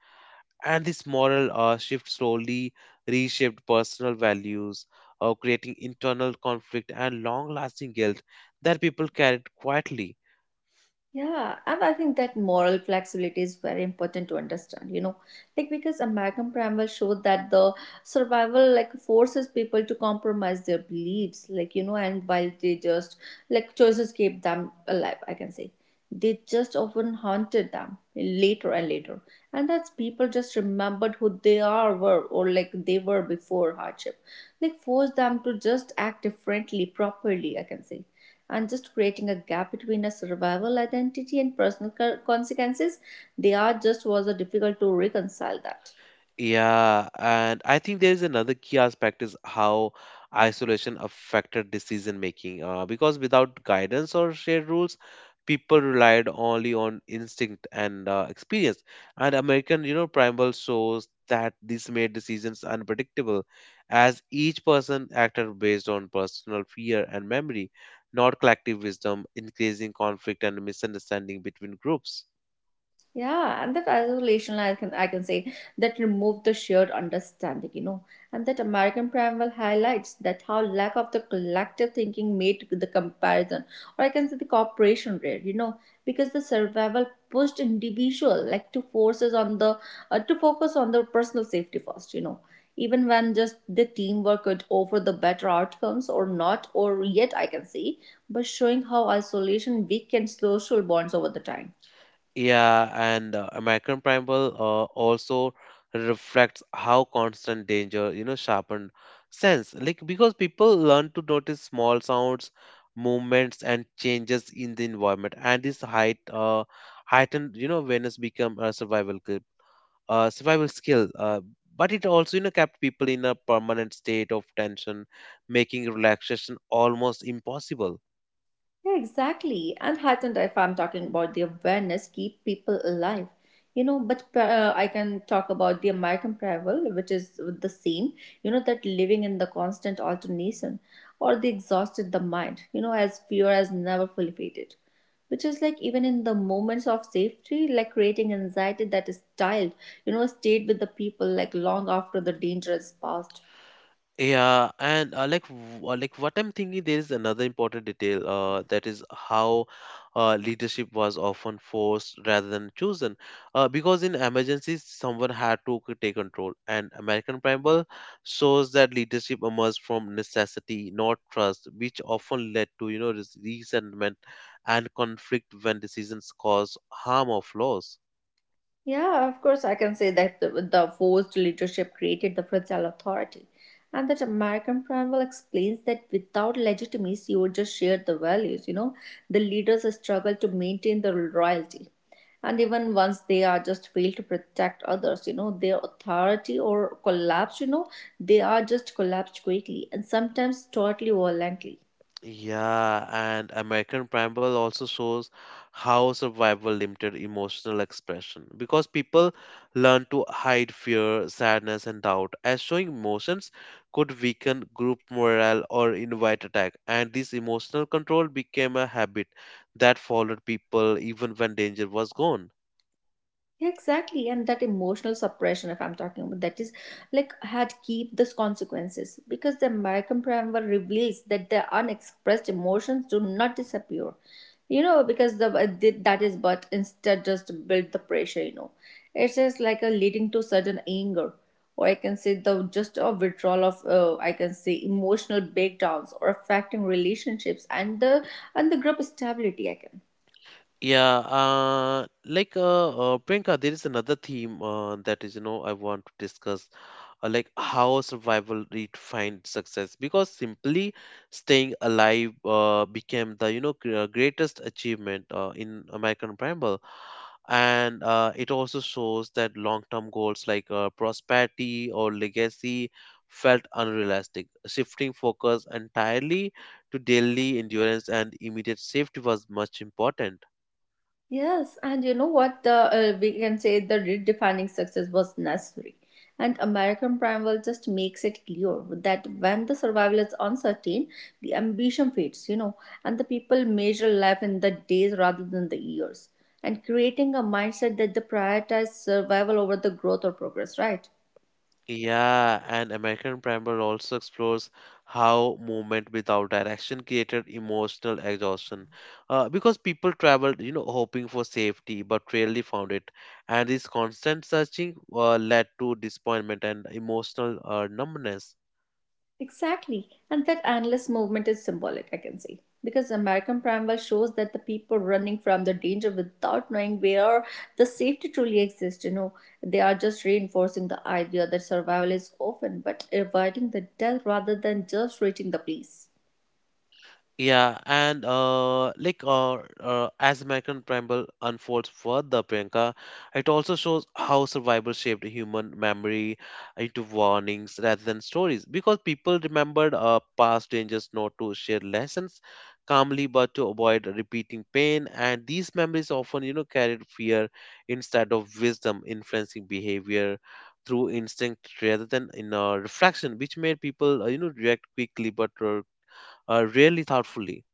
[SPEAKER 1] And this moral uh, shift slowly reshaped personal values, uh, creating internal conflict and long-lasting guilt that people carried quietly.
[SPEAKER 2] Yeah, and I think that moral flexibility is very important to understand, you know, like because American Primal showed that the survival like forces people to compromise their beliefs, like, you know, and while they just like choices keep them alive, I can say. They just often haunted them later and later. And that's people just remembered who they are were or like they were before hardship like force them to just act differently, properly, I can say, and just creating a gap between a survival identity and personal consequences. They are just was a difficult to reconcile that.
[SPEAKER 1] Yeah, and I think there is another key aspect is how isolation affected decision making. Uh, because without guidance or shared rules, people relied only on instinct and uh, experience. And American, you know, primal shows that this made decisions unpredictable, as each person acted based on personal fear and memory, not collective wisdom, increasing conflict and misunderstanding between groups.
[SPEAKER 2] Yeah, and that isolation, I can I can say that removed the shared understanding, you know, and that American primal highlights that how lack of the collective thinking made the comparison, or I can say the cooperation rare, you know, because the survival pushed individual like to forces on the uh, to focus on the personal safety first, you know, even when just the teamwork could offer the better outcomes or not, or yet I can say, but showing how isolation weakens social bonds over the time.
[SPEAKER 1] Yeah, and uh, American Primal uh, also reflects how constant danger, you know, sharpened sense. Like because people learn to notice small sounds, movements, and changes in the environment, and this height, uh, heightened, you know, awareness become a survival skill, uh, survival skill. Uh, but it also, you know, kept people in a permanent state of tension, making relaxation almost impossible.
[SPEAKER 2] Yeah, exactly. And heightened, if I'm talking about the awareness, keep people alive. You know, but uh, I can talk about the American travel, which is the same, you know, that living in the constant alternation or the exhausted the mind, you know, as fear has never fully faded. Which is like even in the moments of safety, like creating anxiety that is styled, you know, stayed with the people like long after the danger is past.
[SPEAKER 1] Yeah, and uh, like w- uh, like what I'm thinking, there is another important detail uh, that is how uh, leadership was often forced rather than chosen, uh, because in emergencies someone had to c- take control. And American Primal shows that leadership emerged from necessity, not trust, which often led to you know res- resentment and conflict when decisions cause harm or loss.
[SPEAKER 2] Yeah, of course, I can say that the, the forced leadership created the fragile authority, and that American Primal explains that without legitimacy or just shared the values, you know, the leaders struggle to maintain the royalty. And even once they are just failed to protect others, you know, their authority or collapse, you know, they are just collapsed quickly and sometimes totally violently.
[SPEAKER 1] Yeah, and American Primal also shows how survival limited emotional expression because people learn to hide fear, sadness, and doubt, as showing emotions could weaken group morale or invite attack. And this emotional control became a habit that followed people even when danger was gone.
[SPEAKER 2] Yeah, exactly. And that emotional suppression, if I'm talking about that, is like had keep those consequences because the American preamble reveals that the unexpressed emotions do not disappear. You know, because the uh, th- that is but instead just build the pressure. You know, it's just like a leading to sudden anger, or I can say the just a withdrawal of uh, I can say emotional breakdowns or affecting relationships and the and the group stability, I can.
[SPEAKER 1] Yeah, uh, like uh, uh, Priyanka, there is another theme uh, that is, you know, I want to discuss uh, like how survival redefined success because simply staying alive uh, became the you know gr- uh, greatest achievement uh, in American Preamble. And uh, it also shows that long-term goals like uh, prosperity or legacy felt unrealistic. Shifting focus entirely to daily endurance and immediate safety was much important.
[SPEAKER 2] Yes, and you know what? The uh, we can say the redefining success was necessary, and American Primeval just makes it clear that when the survival is uncertain, the ambition fades. You know, and the people measure life in the days rather than the years, and creating a mindset that they prioritize survival over the growth or progress. Right.
[SPEAKER 1] Yeah, and American Primary also explores how movement without direction created emotional exhaustion. Uh, because people traveled, you know, hoping for safety, but rarely found it. And this constant searching uh, led to disappointment and emotional uh, numbness.
[SPEAKER 2] Exactly. And that endless movement is symbolic, I can say. Because American Primal shows that the people running from the danger without knowing where the safety truly exists, you know, they are just reinforcing the idea that survival is often but avoiding the death rather than just reaching the place.
[SPEAKER 1] Yeah, and uh, like uh, uh, as American Primal unfolds further, Priyanka, it also shows how survival shaped human memory into warnings rather than stories. Because people remembered uh, past dangers not to share lessons calmly, but to avoid repeating pain. And these memories often, you know, carried fear instead of wisdom, influencing behavior through instinct rather than in uh, reflection, which made people, uh, you know, react quickly but uh, uh, rarely thoughtfully.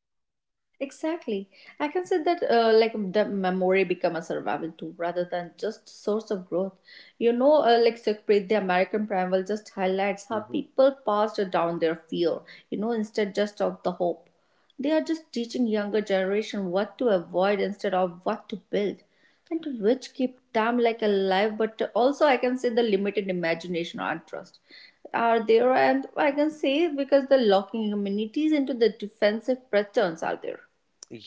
[SPEAKER 2] Exactly. I can say that uh, like the memory become a survival tool rather than just source of growth. You know, uh, like Sukhpreet, the American Primal just highlights how
[SPEAKER 1] Mhm.
[SPEAKER 2] people passed down their fear, you know, instead just of the hope. They are just teaching younger generation what to avoid instead of what to build and which keep them like alive but also I can say the limited imagination and trust are there, and I can say because the locking communities into the defensive patterns are there.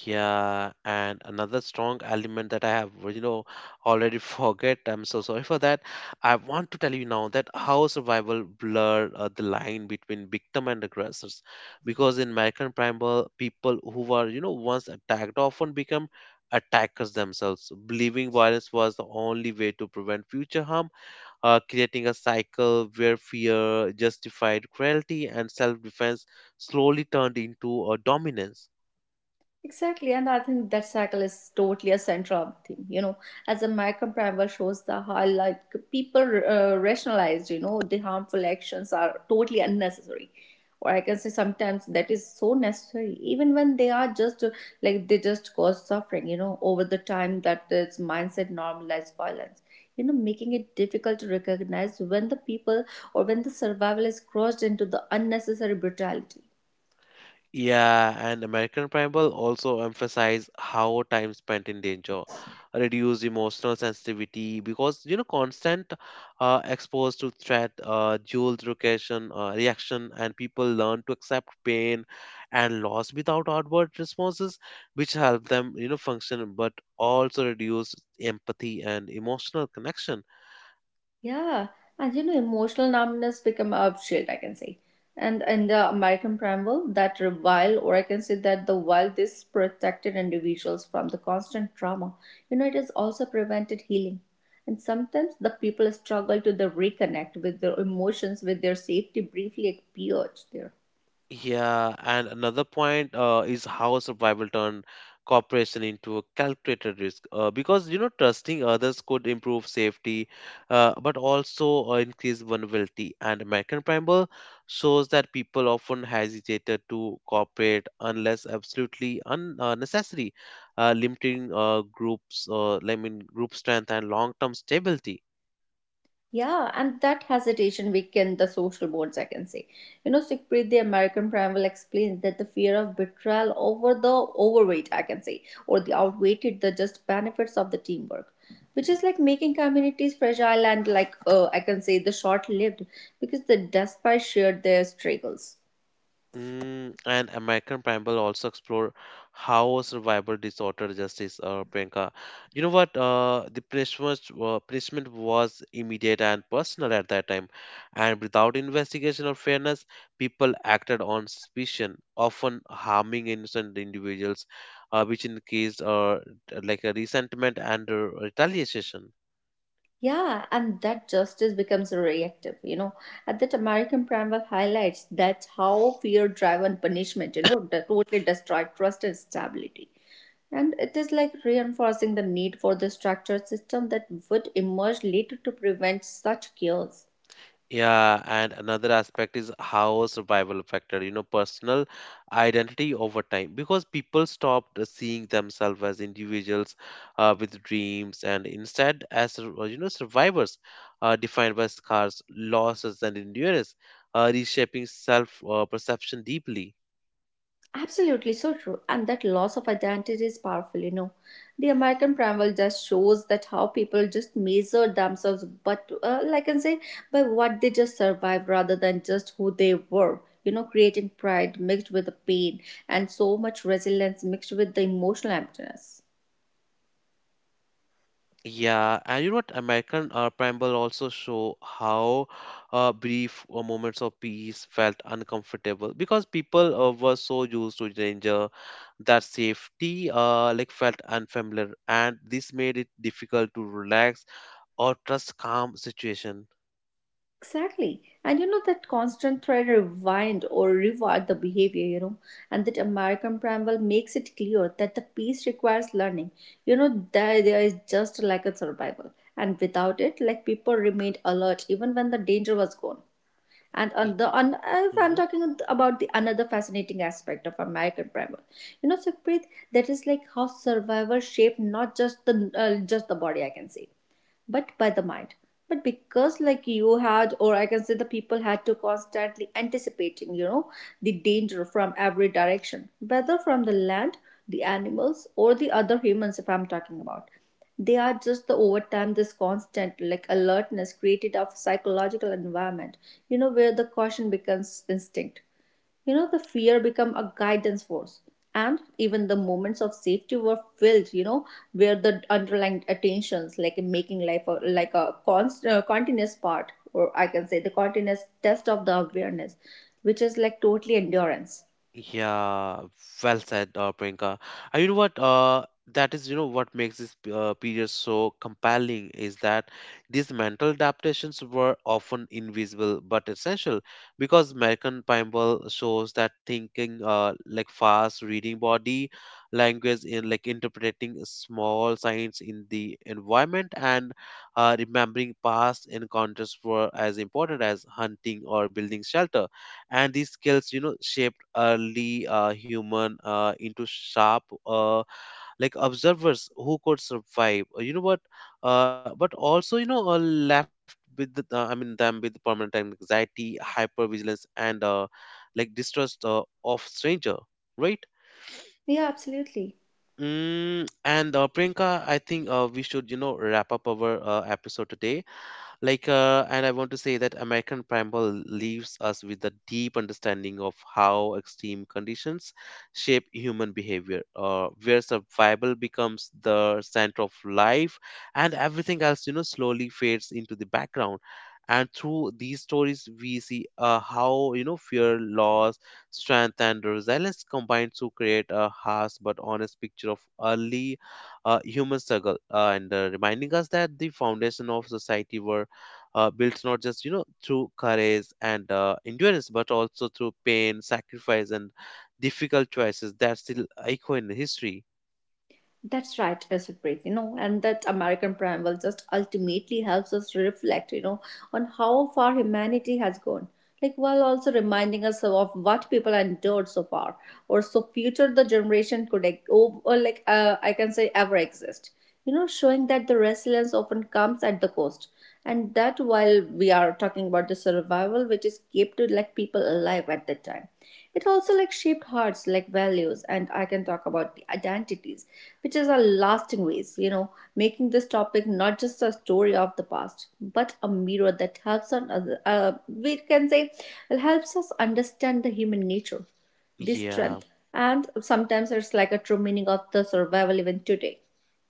[SPEAKER 1] Yeah, and another strong element that I have, you know, already forget. I'm so sorry for that. I want to tell you now that how survival blur uh, the line between victim and aggressors, because in American Primal, people who were, you know, once attacked often become attackers themselves, believing violence was the only way to prevent future harm, uh, creating a cycle where fear, justified cruelty, and self defense slowly turned into a dominance.
[SPEAKER 2] Exactly, and I think that cycle is totally a central theme. You know, as American Primer shows the how like people uh, rationalized. You know, the harmful actions are totally unnecessary, or I can say sometimes that is so necessary, even when they are just uh, like they just cause suffering. You know, over the time that this mindset normalized violence. You know, making it difficult to recognize when the people or when the survival is crossed into the unnecessary brutality.
[SPEAKER 1] Yeah, and American Primal also emphasize how time spent in danger reduce emotional sensitivity because you know constant uh, exposed to threat, uh, dual reaction, uh, reaction, and people learn to accept pain and loss without outward responses, which help them you know function, but also reduce empathy and emotional connection.
[SPEAKER 2] Yeah, and you know, emotional numbness become a shield, I can say. And in the American preamble, that revile, or I can say that the while this protected individuals from the constant trauma, you know, it has also prevented healing. And sometimes the people struggle to the reconnect with their emotions, with their safety briefly appeared there.
[SPEAKER 1] Yeah, and another point uh, is how survival turned cooperation into a calculated risk. Uh, because you know, trusting others could improve safety, uh, but also uh, increase vulnerability. And American Primal shows that people often hesitated to cooperate unless absolutely un- uh, necessary, uh, limiting uh, groups, uh, I mean, group strength and long-term stability.
[SPEAKER 2] Yeah, and that hesitation weakened the social bonds, I can say. You know, Siegfried, the American primal, explains that the fear of betrayal over the overweight, I can say, or the outweighted the just benefits of the teamwork, which is like making communities fragile and like, uh, I can say, the short-lived because the despite shared their struggles.
[SPEAKER 1] Mm, and American Primal also explore how survival disorder justice, uh, Priyanka. You know what? Uh, the punishment, uh, punishment was immediate and personal at that time, and without investigation or fairness, people acted on suspicion, often harming innocent individuals, uh, which increased uh, like a resentment and uh, retaliation.
[SPEAKER 2] Yeah, and that justice becomes reactive, you know. And that American Primal highlights that how fear driven punishment, you know, that totally destroyed trust and stability. And it is like reinforcing the need for the structured system that would emerge later to prevent such chaos.
[SPEAKER 1] Yeah, and another aspect is how survival affected, you know, personal identity over time because people stopped seeing themselves as individuals uh, with dreams and instead as, sur- you know, survivors uh, defined by scars, losses, and endurance, uh, reshaping self uh, perception deeply.
[SPEAKER 2] Absolutely so true. And that loss of identity is powerful, you know. The American Primal just shows that how people just measure themselves, but uh, like I can say, by what they just survived rather than just who they were. You know, creating pride mixed with the pain and so much resilience mixed with the emotional emptiness.
[SPEAKER 1] Yeah, and you know what? American uh, Preamble also show how uh, brief uh, moments of peace felt uncomfortable because people uh, were so used to danger that safety uh, like felt unfamiliar, and this made it difficult to relax or trust calm situation.
[SPEAKER 2] Exactly. And you know that constant thread rewind or reward the behavior, you know, and that American Bramble makes it clear that the piece requires learning. You know, the idea is just like a survival. And without it, like people remained alert even when the danger was gone. And
[SPEAKER 1] E-,
[SPEAKER 2] on the on, if I'm
[SPEAKER 1] mm-hmm.
[SPEAKER 2] talking about the another fascinating aspect of American Primal, you know, Sukhpreet, that is like how survival shaped not just the uh, just the body, I can say, but by the mind, but because like you had, or I can say the people had to constantly anticipating, you know, the danger from every direction, whether from the land, the animals, or the other humans, if I'm talking about, they are just the over time, this constant like alertness created of psychological environment, you know, where the caution becomes instinct. You know, the fear become a guidance force. And even the moments of safety were filled, you know, where the underlying attentions, like making life a, like a const, uh, continuous part, or I can say the continuous test of the awareness, which is like totally endurance.
[SPEAKER 1] Yeah, well said, uh, Priyanka. And you know what? Uh, that is, you know, what makes this uh, period so compelling is that these mental adaptations were often invisible but essential because American Bible shows that thinking, uh, like fast reading body language in like interpreting small signs in the environment and uh, remembering past encounters were as important as hunting or building shelter, and these skills you know shaped early uh, human uh, into sharp uh, like observers who could survive. Uh, you know what, uh, but also you know uh, left with the, uh, i mean them with permanent anxiety, hypervigilance, and uh, like distrust uh, of stranger, right?
[SPEAKER 2] Yeah, absolutely.
[SPEAKER 1] Mm, and uh, Priyanka, I think uh, we should, you know, wrap up our uh, episode today, like uh, and I want to say that american primal leaves us with a deep understanding of how extreme conditions shape human behavior, uh, where survival becomes the center of life, and everything else you know slowly fades into the background. And through these stories we see uh, how you know fear, loss, strength, and resilience combine to create a harsh but honest picture of early uh, human struggle uh, and uh, reminding us that the foundation of society were uh, built not just you know through courage and uh, endurance but also through pain, sacrifice, and difficult choices that still echo in history.
[SPEAKER 2] That's right, Supreet, you know, and that American preamble just ultimately helps us reflect, you know, on how far humanity has gone. Like while also reminding us of what people endured so far, or so future the generation could, like, or, like uh, I can say, ever exist, you know, showing that the resilience often comes at the cost, and that while we are talking about the survival which is kept to like people alive at that time, it also like shaped hearts like values, and I can talk about the identities which is a lasting ways, you know, making this topic not just a story of the past but a mirror that helps on other, uh, we can say helps us understand the human nature, the
[SPEAKER 1] Yeah.
[SPEAKER 2] strength, and sometimes it's like a true meaning of the survival even today.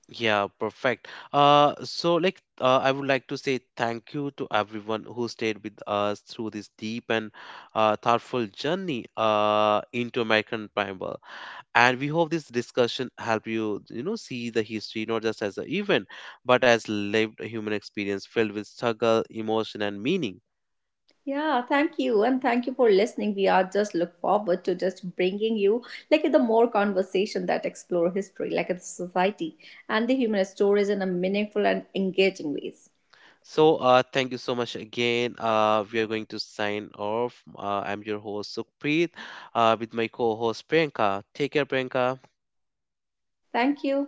[SPEAKER 1] Yeah, perfect. Uh, so like, uh, I would like to say thank you to everyone who stayed with us through this deep and uh, thoughtful journey uh, into American Primal. And we hope this discussion helped you, you know, see the history not just as an event, but as lived human experience filled with struggle, emotion, and meaning.
[SPEAKER 2] Yeah, thank you. And thank you for listening. We are just look forward to just bringing you like the more conversation that explore history, like the society and the human stories in a meaningful and engaging ways.
[SPEAKER 1] So, uh, thank you so much again. Uh, we are going to sign off. Uh, I'm your host Sukhpreet, uh, with my co-host Priyanka. Take care, Priyanka.
[SPEAKER 2] Thank you.